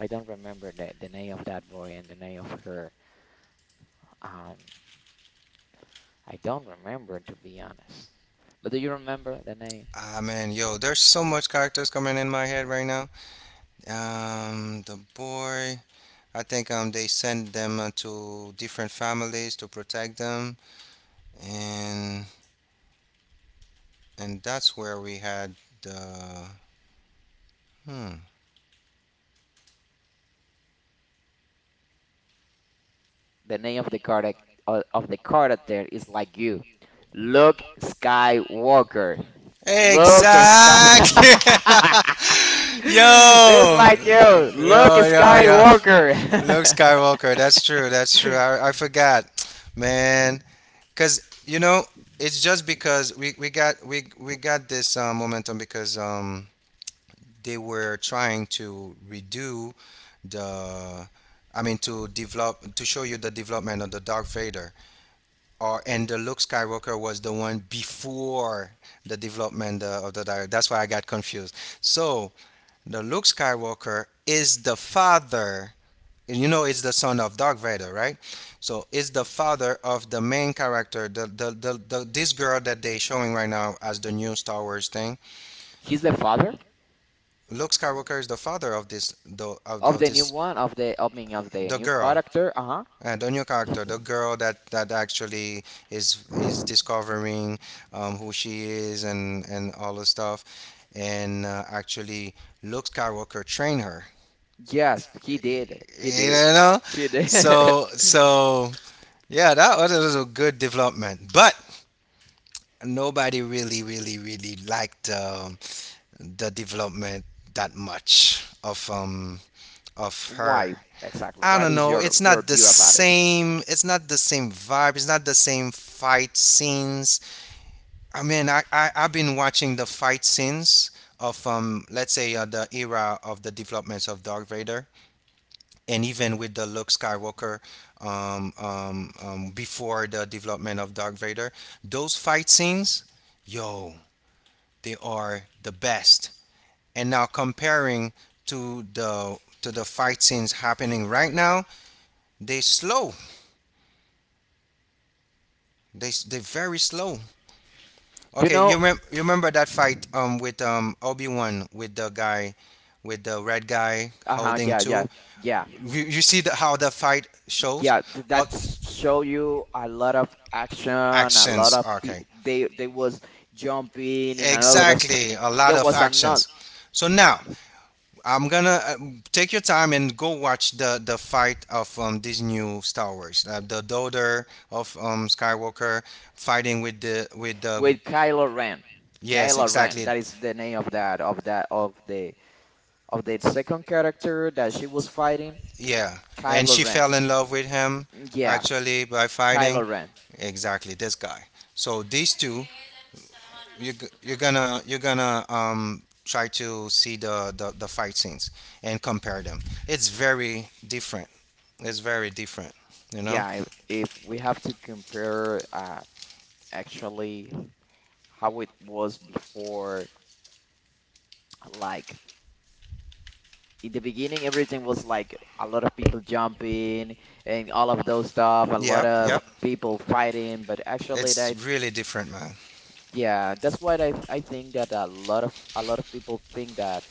A: I don't remember the the name of that boy and the name of her. Um, I don't remember, to be honest. But do you remember the name?
B: Ah man, yo, there's so much characters coming in my head right now. Um, the boy, I think um they send them uh, to different families to protect them, and and that's where we had the Hmm.
A: The name of the character uh, of the character is like you, Luke Skywalker. Luke Sky.
B: Exactly.
A: It's
B: yo,
A: like you, Luke
B: yo, yo, yo.
A: Skywalker.
B: Luke Skywalker. That's true. That's true. I, I forgot, man. Cause you know, it's just because we, we got we we got this uh, momentum because um they were trying to redo the. I mean, to develop, to show you the development of the Dark Vader or and the Luke Skywalker was the one before the development uh, of the diary. That's why I got confused. So the Luke Skywalker is the father. You know, it's the son of Darth Vader, right? So it's the father of the main character, the, the, the, the this girl that they showing right now as the new Star Wars thing.
A: He's the father
B: Luke Skywalker is the father of this, the, of,
A: of
B: of
A: the new
B: this,
A: one, of the I mean of the
B: the
A: new
B: girl.
A: character. Uh huh.
B: And on your
A: He,
B: character, the girl that that actually is is discovering um, who she is and and all the stuff, and uh, actually Luke Skywalker trained her.
A: yes, he did. He
B: You
A: did.
B: know,
A: He did.
B: so so yeah, that was, that was a good development, but nobody really really really liked um, the development that much of um of her.
A: Why exactly?
B: I
A: What
B: don't
A: is
B: know.
A: your
B: It's
A: your
B: not the
A: view about it?
B: same. It's not the same vibe. It's not the same fight scenes. I mean, I, I I've been watching the fight scenes of um let's say uh, the era of the developments of Darth Vader and even with the Luke Skywalker um, um, um before the development of Darth Vader, those fight scenes, yo, they are the best. And now comparing to the to the fight scenes happening right now, they slow. They s- they're very slow.
A: You
B: Okay, you
A: know.
B: remember you remember that fight um with um Obi Wan with the guy, with the red guy
A: Uh huh.
B: holding
A: Yeah.
B: two.
A: Yeah. Yeah.
B: You, you see the, how the fight shows.
A: Yeah. th-
B: Oh,
A: That s- show you a lot of action. A lot
B: actions.
A: of pe-
B: Okay,
A: they they was jumping in a lot of. st-
B: exactly, a lot
A: There
B: of
A: was a another
B: actions. So now I'm gonna uh, take your time and go watch the the fight of um these new Star Wars, uh, the daughter of um Skywalker fighting with the with the
A: with Kylo Ren.
B: yes,
A: Kylo Ren.
B: exactly.
A: That is the name of that of that of the of the second character that she was fighting,
B: Yeah, and
A: Kylo
B: she
A: Ren.
B: fell in love with him
A: Yeah,
B: actually by fighting,
A: Kylo Ren.
B: exactly, this guy. So these two. You're g- you're gonna, you're gonna um try to see the, the the fight scenes and compare them. It's very different. It's very different. You know.
A: Yeah, i- if we have to compare, uh, actually, how it was before, like in the beginning, everything was like a lot of people jumping and all of those stuff, a lot
B: Yep.
A: of
B: Yep.
A: people fighting, but actually
B: It's
A: that
B: really different, man.
A: yeah, that's why I I think that a lot of a lot of people think that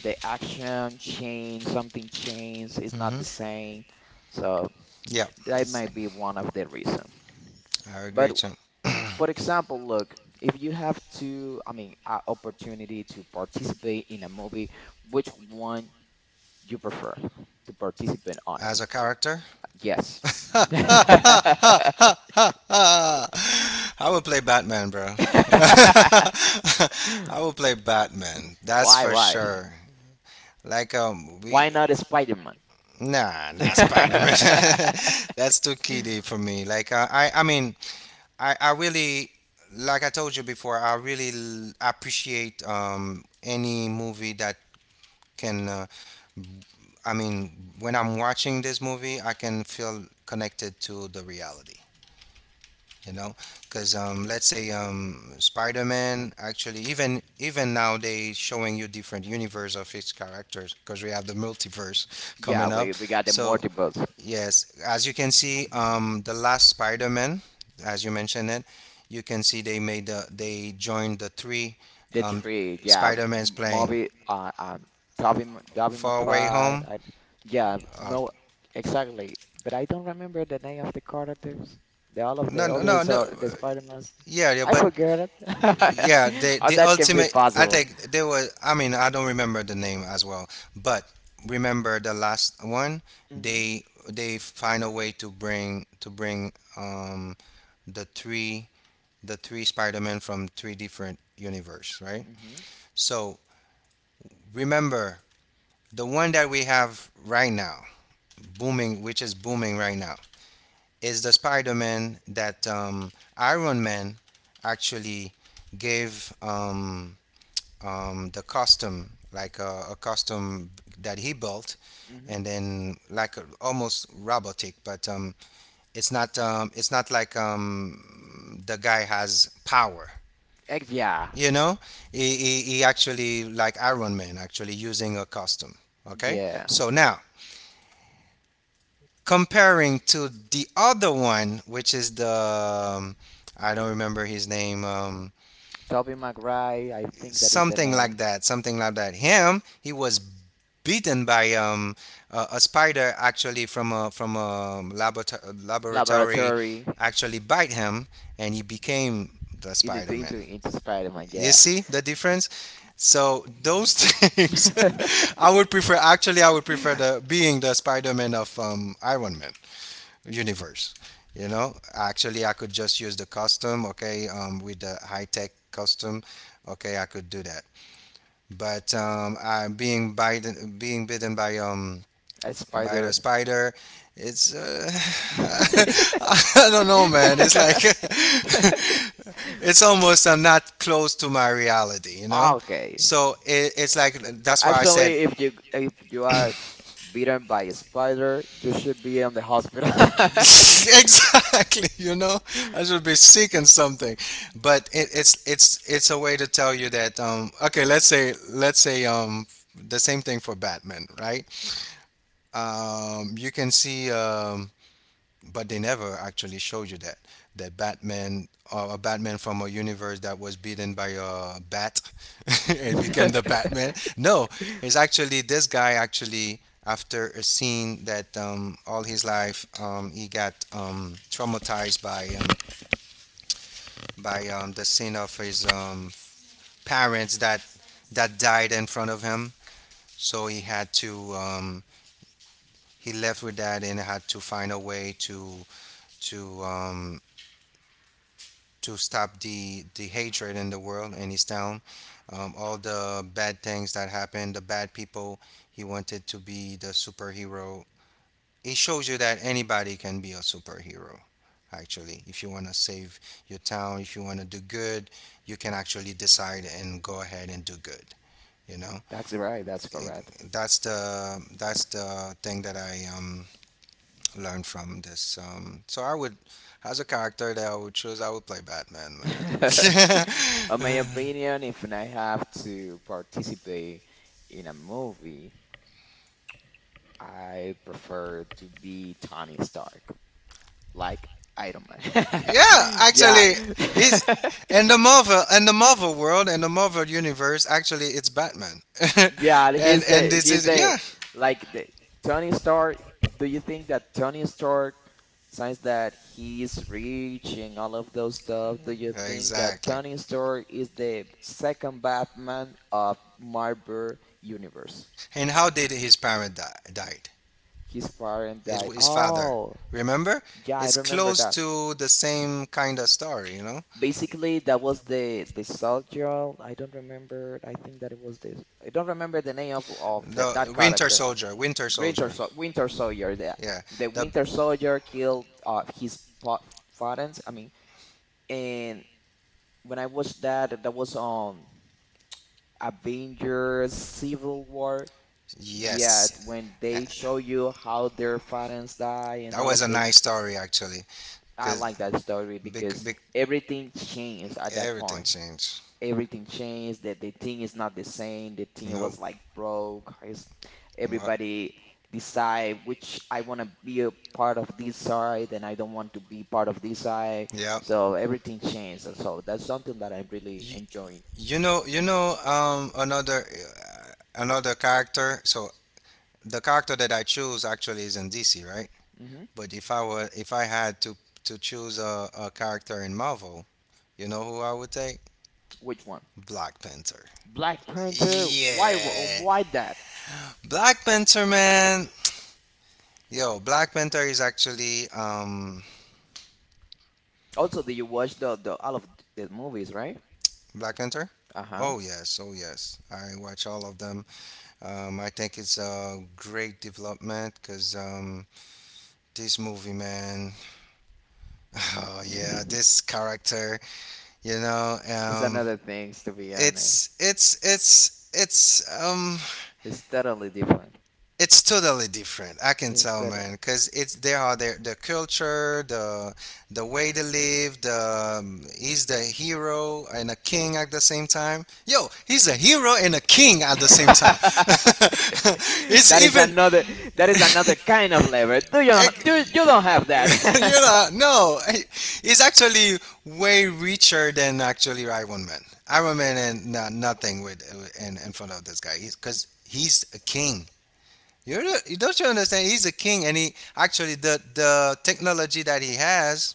A: the action changed, something changed, it's not the same. So
B: Yep.
A: that
B: It's,
A: might be one of the reason.
B: I agree,
A: But
B: Chum.
A: for example, look, if you have to, I mean, uh, opportunity to participate in a movie, which one you prefer to participate on it?
B: As a character.
A: Yes.
B: I will play Batman, bro. I will play Batman. That's
A: Why,
B: for
A: why?
B: sure. Like um, we
A: Why not a Spider-Man?
B: Nah, nah, Spider Man. That's too kiddie for me. Like uh, I, I mean, I, I really, like I told you before, I really l- appreciate um any movie that can. Uh, I mean, when I'm watching this movie, I can feel connected to the reality. You know, because um, let's say um, Spider Man, actually, even even now they showing you different universe of his characters because we have the multiverse
A: Yeah,
B: coming up.
A: we we got the
B: So
A: multiples.
B: yes, as you can see, um, the last Spider-Man, as you mentioned it, you can see they made the they joined the three
A: The
B: um,
A: three, yeah, M-
B: Spider-Mans playing
A: Moby, uh, um, Toby, M- Toby
B: Far away
A: McBride.
B: Home.
A: I, yeah,
B: Uh,
A: no, exactly. But I don't remember the name of the characters. The all of
B: no,
A: the
B: no, no,
A: others,
B: no. uh,
A: uh, the Spider-Mans.
B: Yeah, yeah,
A: I
B: but
A: forgot it.
B: yeah, the
A: How
B: the
A: that can be
B: ultimate. I
A: possible?
B: think they were. I mean, I don't remember the name as well, but remember the last one.
A: Mm-hmm.
B: They they find a way to bring to bring um the three, the three Spider-Man from three different universe, right?
A: Mm-hmm.
B: So remember, the one that we have right now, booming, which is booming right now, is the Spider-Man that, um, Iron Man actually gave, um, um, the costume, like a, a costume that he built,
A: Mm-hmm.
B: and then like a, almost robotic, but um, it's not um, it's not like um, the guy has power.
A: Ex Yeah.
B: You know, he, he, he actually, like Iron Man, actually using a costume. Okay,
A: Yeah.
B: so now comparing to the other one, which is the um, I don't remember his name, um,
A: Toby McGuire, I think that is the
B: something like
A: name.
B: that, something like that. Him, he was beaten by, um, a, a spider, actually, from a from a laborato- laboratory
A: Laboratory,
B: actually bite him, and he became the
A: into
B: Spider-Man.
A: into into Spider-Man,
B: You
A: yeah.
B: see the difference? So those things, I would prefer. Actually, I would prefer the being the Spider-Man of, um, Iron Man universe. You know, actually, I could just use the costume, okay, um, with the high-tech costume, okay, I could do that. But um, I being bitten, being bitten by, um,
A: A
B: by the
A: spider.
B: spider. It's uh, I don't know, man. It's like it's almost uh, not close to my reality, you know.
A: Okay.
B: So it, it's like that's why I
A: Actually,
B: said
A: if you if you are bitten by a spider, you should be in the hospital.
B: exactly, you know, I should be seeking something. But it, it's it's it's a way to tell you that um okay, let's say, let's say um the same thing for Batman, right? Um you can see um but they never actually showed you that that Batman, uh, a Batman from a universe that was beaten by a bat it became the Batman. No, it's actually this guy, actually, after a scene that, um, all his life, um, he got, um, traumatized by, um, by um, the scene of his, um, parents that that died in front of him. So he had to, um, he left with that and had to find a way to to um, to stop the the hatred in the world, and he's down. Um, all the bad things that happened, the bad people. He wanted to be the superhero. It shows you that anybody can be a superhero. Actually, if you want to save your town, if you want to do good, you can actually decide and go ahead and do good. You know,
A: That's right, that's
B: It-
A: correct.
B: that's the that's the thing that I um learn from this. Um, so I would, as a character that I would choose, I would play Batman, man.
A: On my opinion, if I have to participate in a movie, I prefer to be Tony Stark, like Iron Man.
B: Yeah,
A: Yeah.
B: actually, he's in the Marvel, in the Marvel world, in the Marvel universe. Actually, it's Batman,
A: Yeah,
B: and
A: he's
B: and
A: the
B: this
A: he's
B: is,
A: the
B: yeah,
A: like, the Tony Stark. Do you think that Tony Stark, since that he's rich and all of those stuff, do you think that
B: exactly.
A: Tony Stark is the second Batman of Marvel Universe?
B: And how did his parent die, died?
A: His parent
B: It,
A: died.
B: his father.
A: Oh,
B: Remember?
A: yeah, I
B: It's
A: remember
B: close
A: that.
B: to the same kind of story, you know?
A: Basically, that was the the soldier. I don't remember. I think that it was this. I don't remember the name of of the, that
B: The Winter
A: character.
B: Soldier, Winter
A: Winter,
B: Soldier.
A: Sol- Winter Soldier. The,
B: Yeah.
A: the
B: The
A: Winter Soldier killed, uh, his pa- parents. I mean, and when I watched that, that was on Avengers Civil War. Yet
B: yes.
A: when
B: Uh,
A: they show you how their parents die and
B: that
A: all
B: was
A: of
B: a
A: those,
B: nice story actually,
A: I
B: cause
A: like that story
B: bec-
A: because
B: bec-
A: everything changed at that
B: everything
A: point.
B: changed.
A: Everything changed. That, the thing is not the same. The thing
B: Nope.
A: was like broke. It's,
B: What?
A: everybody decide which, I want to be a part of this side and I don't want to be part of this side.
B: Yep.
A: So everything changed, and so that's something that I'm really
B: You,
A: enjoying.
B: you know, you know, um, another uh, another character. So the character that I choose actually is in D C, right?
A: hmm
B: But if I were, if I had to to choose a, a character in Marvel, you know who I would take?
A: which one?
B: Black Panther.
A: Black Panther. Why, wa-
B: Yeah,
A: why that?
B: Black Panther, man. Yo, Black Panther is actually um
A: Also, do you watch the, the all of the movies, right?
B: Black Panther.
A: Uh-huh.
B: Oh yes, oh yes. I watch all of them. Um, I think it's a great development because this movie, man. Oh yeah, this character, you know,
A: It's
B: um,
A: another thing, to be honest.
B: it's it's it's it's um
A: It's totally different.
B: it's totally different. I can
A: It's
B: tell,
A: totally.
B: man, because it's there are their the culture, the the way they live, the um, he's the hero and a king at the same time. Yo, he's a hero and a king at the same time. It's
A: that is
B: even
A: another that is another kind of lever. Do you do you don't have that?
B: you know, no, I- it's actually way richer than actually Iron Man. Iron Man and not, nothing with in, in front of this guy. He's because he's a king. You're, you don't you understand? He's a king, and he actually the the technology that he has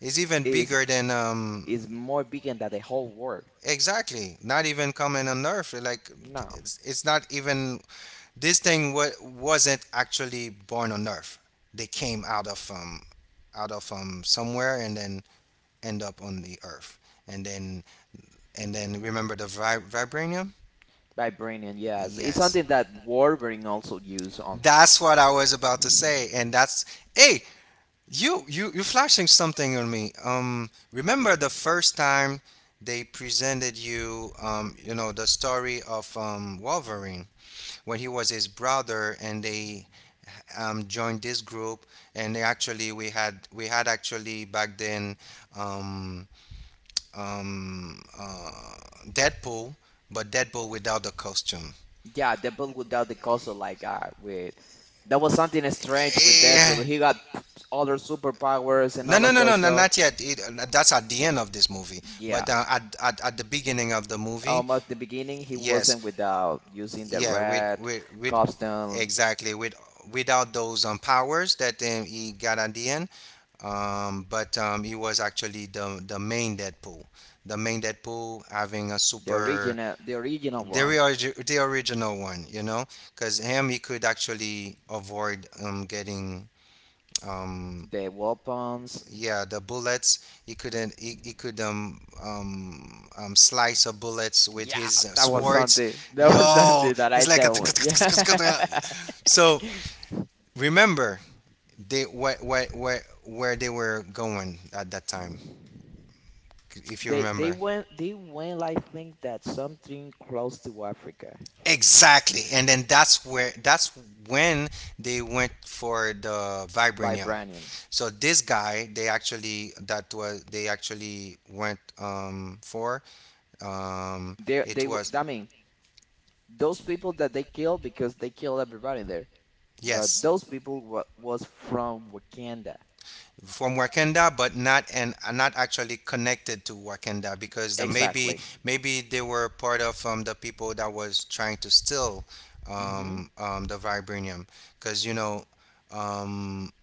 B: is even
A: is
B: bigger than um
A: is more bigger than the whole world.
B: exactly. Not even coming on Earth. Like
A: No,
B: it's, it's not even this thing. What wasn't actually born on Earth. They came out of um out of um somewhere and then end up on the Earth. And then and then remember the vi- vibranium.
A: vibranium. Yes, it's
B: Yes.
A: something that Wolverine also used on.
B: That's what I was about to say, and that's hey, You you you flashing something on me. Um, remember the first time they presented you, um, you know, the story of um, Wolverine when he was his brother, and they um, joined this group, and they actually we had we had actually back then um, um, uh, Deadpool, but Deadpool without the costume.
A: Yeah, the bull without the castle, like, uh, with, that was something strange with
B: Yeah.
A: Deadpool. He got p- other superpowers and
B: No,
A: all
B: no,
A: of
B: no, no,
A: those
B: no,
A: stuff.
B: not yet. It, uh, that's at the end of this movie,
A: Yeah.
B: but uh, at, at at the beginning of the movie,
A: Um, at the beginning, he
B: yes,
A: wasn't without using the
B: yeah, with
A: red
B: with, with
A: costume,
B: exactly with without those um, powers that um, he got at the end, um, but um, he was actually the the main Deadpool, the main Deadpool having a
A: the
B: super
A: original, the original
B: the
A: one.
B: origi- the original one, you know, because him he could actually avoid um, getting. Um,
A: The weapons.
B: yeah, the bullets he couldn't he, he could um, um um slice a bullets with
A: Yeah,
B: his uh,
A: that was
B: swords
A: something. That was
B: yo
A: something that I
B: it's like
A: said.
B: a
A: "Oh, yeah."
B: so remember they where, where where where they were going at that time if you
A: They they
B: remember
A: went they went I think, that something close to Africa.
B: exactly and then that's where that's when they went for the vibranium.
A: Vibranium.
B: So this guy, they actually that was they actually went um for um
A: They
B: it
A: they w-
B: was
A: I mean those people that they killed, because they killed everybody there. But those
B: yes
A: people wa was from Wakanda.
B: from Wakanda, but not and are not actually connected to Wakanda because the, maybe
A: Exactly.
B: maybe they were part of um, the people that was trying to steal
A: Mm-hmm.
B: um, um, the vibranium, because you know um,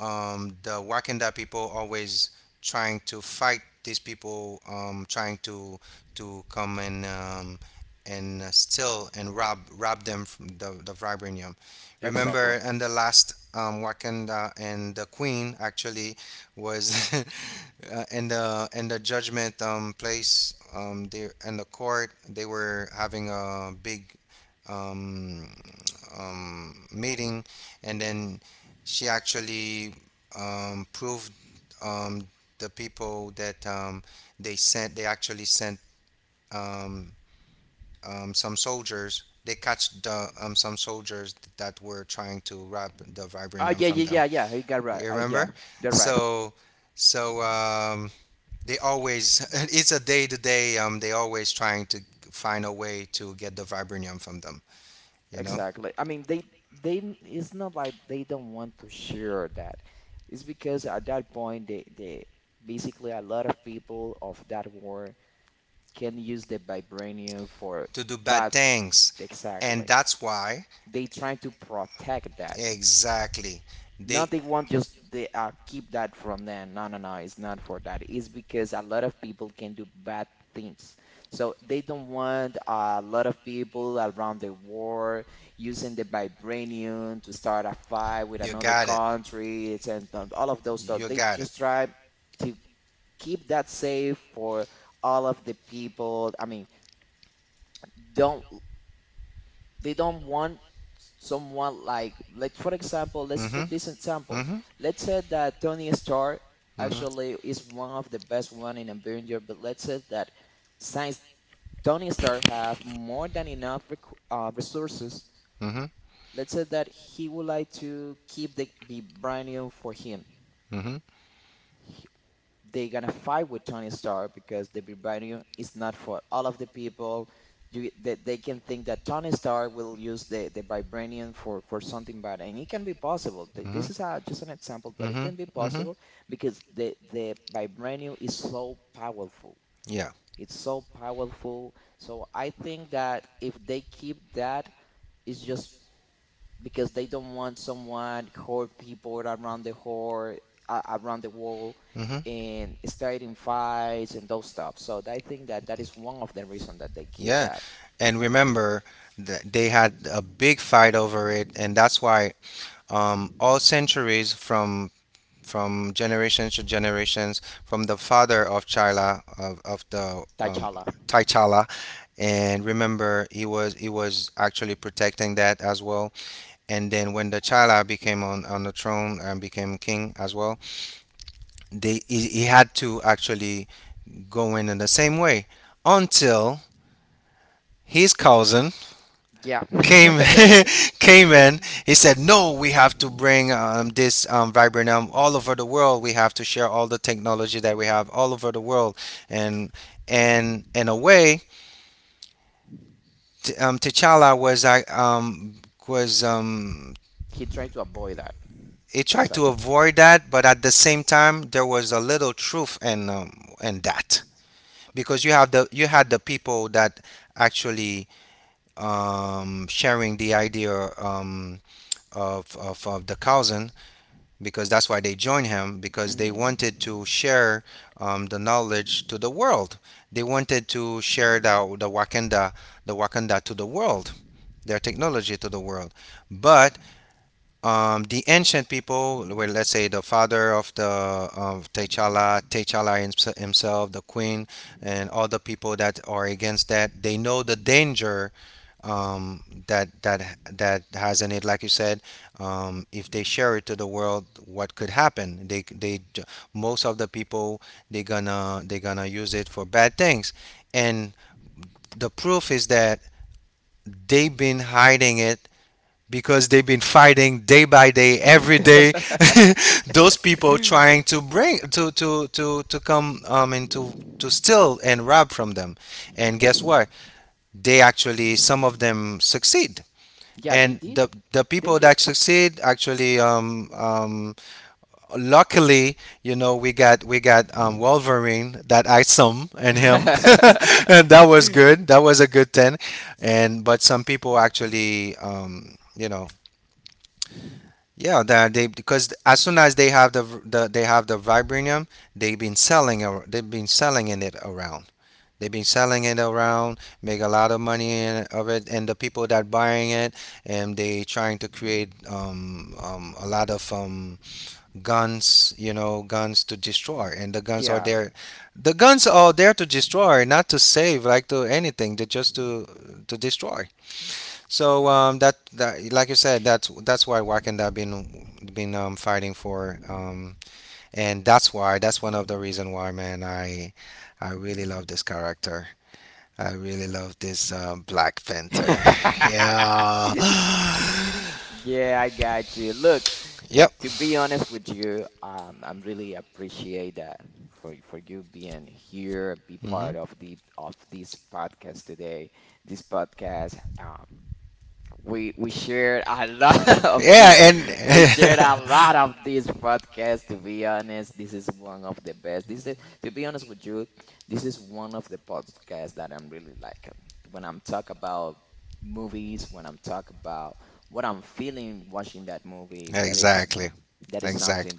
B: um, the Wakanda people always trying to fight these people, um, trying to to come and um, and uh, steal and rob rob them from the, the vibranium.
A: Exactly.
B: Remember, in the last um, Wakanda, and the Queen actually was uh, in the in the judgment um, place um, there in the court. They were having a big um, um, meeting, and then she actually um, proved um, the people that um, they sent. They actually sent um, um, some soldiers. They catch the um, some soldiers that were trying to rob the
A: Oh,
B: vibranium
A: yeah,
B: from
A: yeah,
B: them.
A: yeah, yeah. You got right.
B: You
A: I, yeah,
B: remember?
A: you're right.
B: So, so um, they always it's a day to day. Um, they always trying to find a way to get the vibranium from them. You know?
A: Exactly. I mean, they they n- it's not like they don't want to share that. It's because at that point, they they basically, a lot of people of that war can use the vibranium for
B: To do bad
A: bad,
B: things. And
A: exactly.
B: that's why,
A: They trying to protect that.
B: exactly, they,
A: Not they want just they uh, keep that from them. No, no, no, it's not for that. It's because a lot of people can do bad things. So they don't want a lot of people around the world using the vibranium to start a fight with
B: you
A: another
B: got it.
A: country, and and all of those stuff.
B: You
A: They
B: got
A: just
B: it.
A: try to keep that safe for all of the people. I mean, don't. They don't want someone, like like for example, let's put
B: Hmm,
A: this example.
B: hmm,
A: Let's say that Tony Stark
B: hmm,
A: actually is one of the best one in Avenger, but let's say that since Tony Stark have more than enough rec uh, resources,
B: hmm,
A: let's say that he would like to keep the, the brand new for him, they're gonna fight with Tony Stark because the vibranium is not for all of the people. You, they, they can think that Tony Stark will use the, the vibranium for, for something bad, and it can be possible. Th-
B: hmm, hmm.
A: This is a, just an example, but it
B: Mm-hmm.
A: can be
B: Mm-hmm.
A: possible because the, the vibranium is so powerful.
B: Yeah.
A: It's so powerful. So I think that if they keep that, it's just because they don't want someone, whore people around the whore, uh, around the world,
B: Mm-hmm.
A: and starting fights and those stuff. So I think that that is one of the reasons that they keep
B: Yeah.
A: that.
B: And remember that they had a big fight over it, and that's why um, all centuries from from generations to generations, from the father of Chila of, of the um,
A: T'Challa.
B: T'Challa, and remember he was he was actually protecting that as well. And then when the Chila became on on the throne and became king as well, they he, he had to actually go in in the same way until his cousin
A: Yeah.
B: came came in, he said no, we have to bring um, this um, viburnum all over the world. We have to share all the technology that we have all over the world, and and in a way T- um, T'Challa was I um, was um,
A: He tried to avoid that.
B: he tried to
A: Exactly.
B: avoid that, but at the same time there was a little truth in um, in that, because you have the you had the people that actually um, sharing the idea um, of, of of the cousin, because that's why they joined him, because they
A: Hmm.
B: wanted to share um, the knowledge to the world. They wanted to share the the Wakanda, the Wakanda to the world, their technology to the world. But um, the ancient people, well, let's say, the father of the of T'Challa, T'Challa hims- himself, the queen, and all the people that are against that. They know the danger um, that that that has in it. Like you said, um, if they share it to the world, what could happen? They they j- most of the people, they gonna they gonna use it for bad things, and the proof is that they've been hiding it, because they've been fighting day by day, every day. Those people trying to bring to to to to come um and to to steal and rob from them, and guess what, they actually, some of them succeed.
A: Yeah, they
B: And
A: did.
B: the the
A: They
B: people
A: did.
B: that succeed actually um um luckily, you know, we got we got um Wolverine that I some and him. And that was good, that was a good ten, and but some people actually um you know, yeah, that they, because as soon as they have the v- the they have the vibranium, they've been selling ar- they've been selling in it around. They've been selling it around, make a lot of money in, of it, and the people that buying it, and they trying to create um, um, a lot of um, guns, you know, guns to destroy, and the guns are there, the guns are there to destroy, not to save, like to anything, they just to to destroy. So um, that that like you said, that's that's why Wakanda have been been um, fighting for, um, and that's why, that's one of the reason why, man. I I really love this character. I really love this um, Black Panther. Yeah. Yep. Hmm. Yeah, and exactly. Exactly.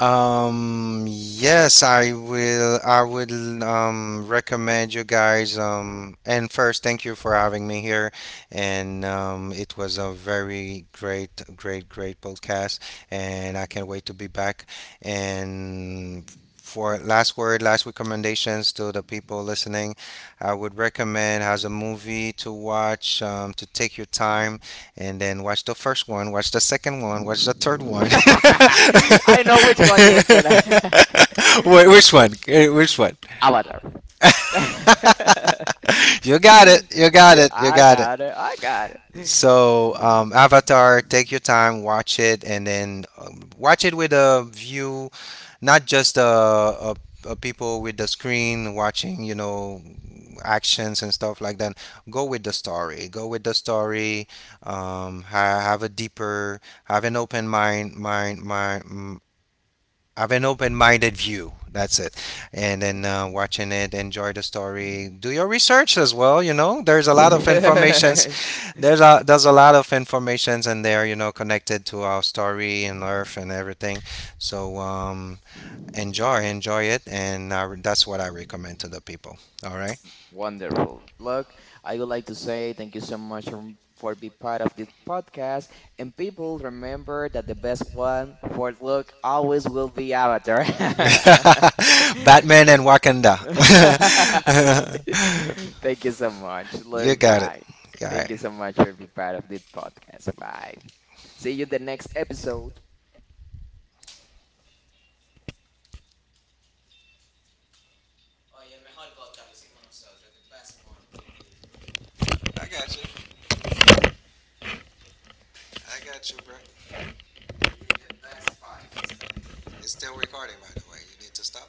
B: Um, yes, I will. I would um, recommend you guys. Um, and first, thank you for having me here. And um, it was a very great, great, great podcast. And I can't wait to be back. And for last word, last recommendations to the people listening, I would recommend as a movie to watch, um, to take your time and then watch the first one, watch the second one, watch the third one. Wait, which one? Eh, which one? You got it. You got it. You got it. So, um, Avatar, take your time, watch it, and then um, watch it with a view, not just uh, uh, uh, people with the screen watching, you know, actions and stuff like that. Go with the story. Go with the story. Um, ha- have a deeper, have an open mind, mind, mind. mm, Have an open-minded view. That's it, and then uh, watching it, enjoy the story. Do your research as well. You know, there's a lot of information there's a there's a lot of informations in there, you know, connected to our story and Earth and everything. So um, enjoy, enjoy it, and I, that's what I recommend to the people. All right. Batman and Wakanda. You got it. All right. I got you. I got you, bro. It's still recording, by the way. You need to stop.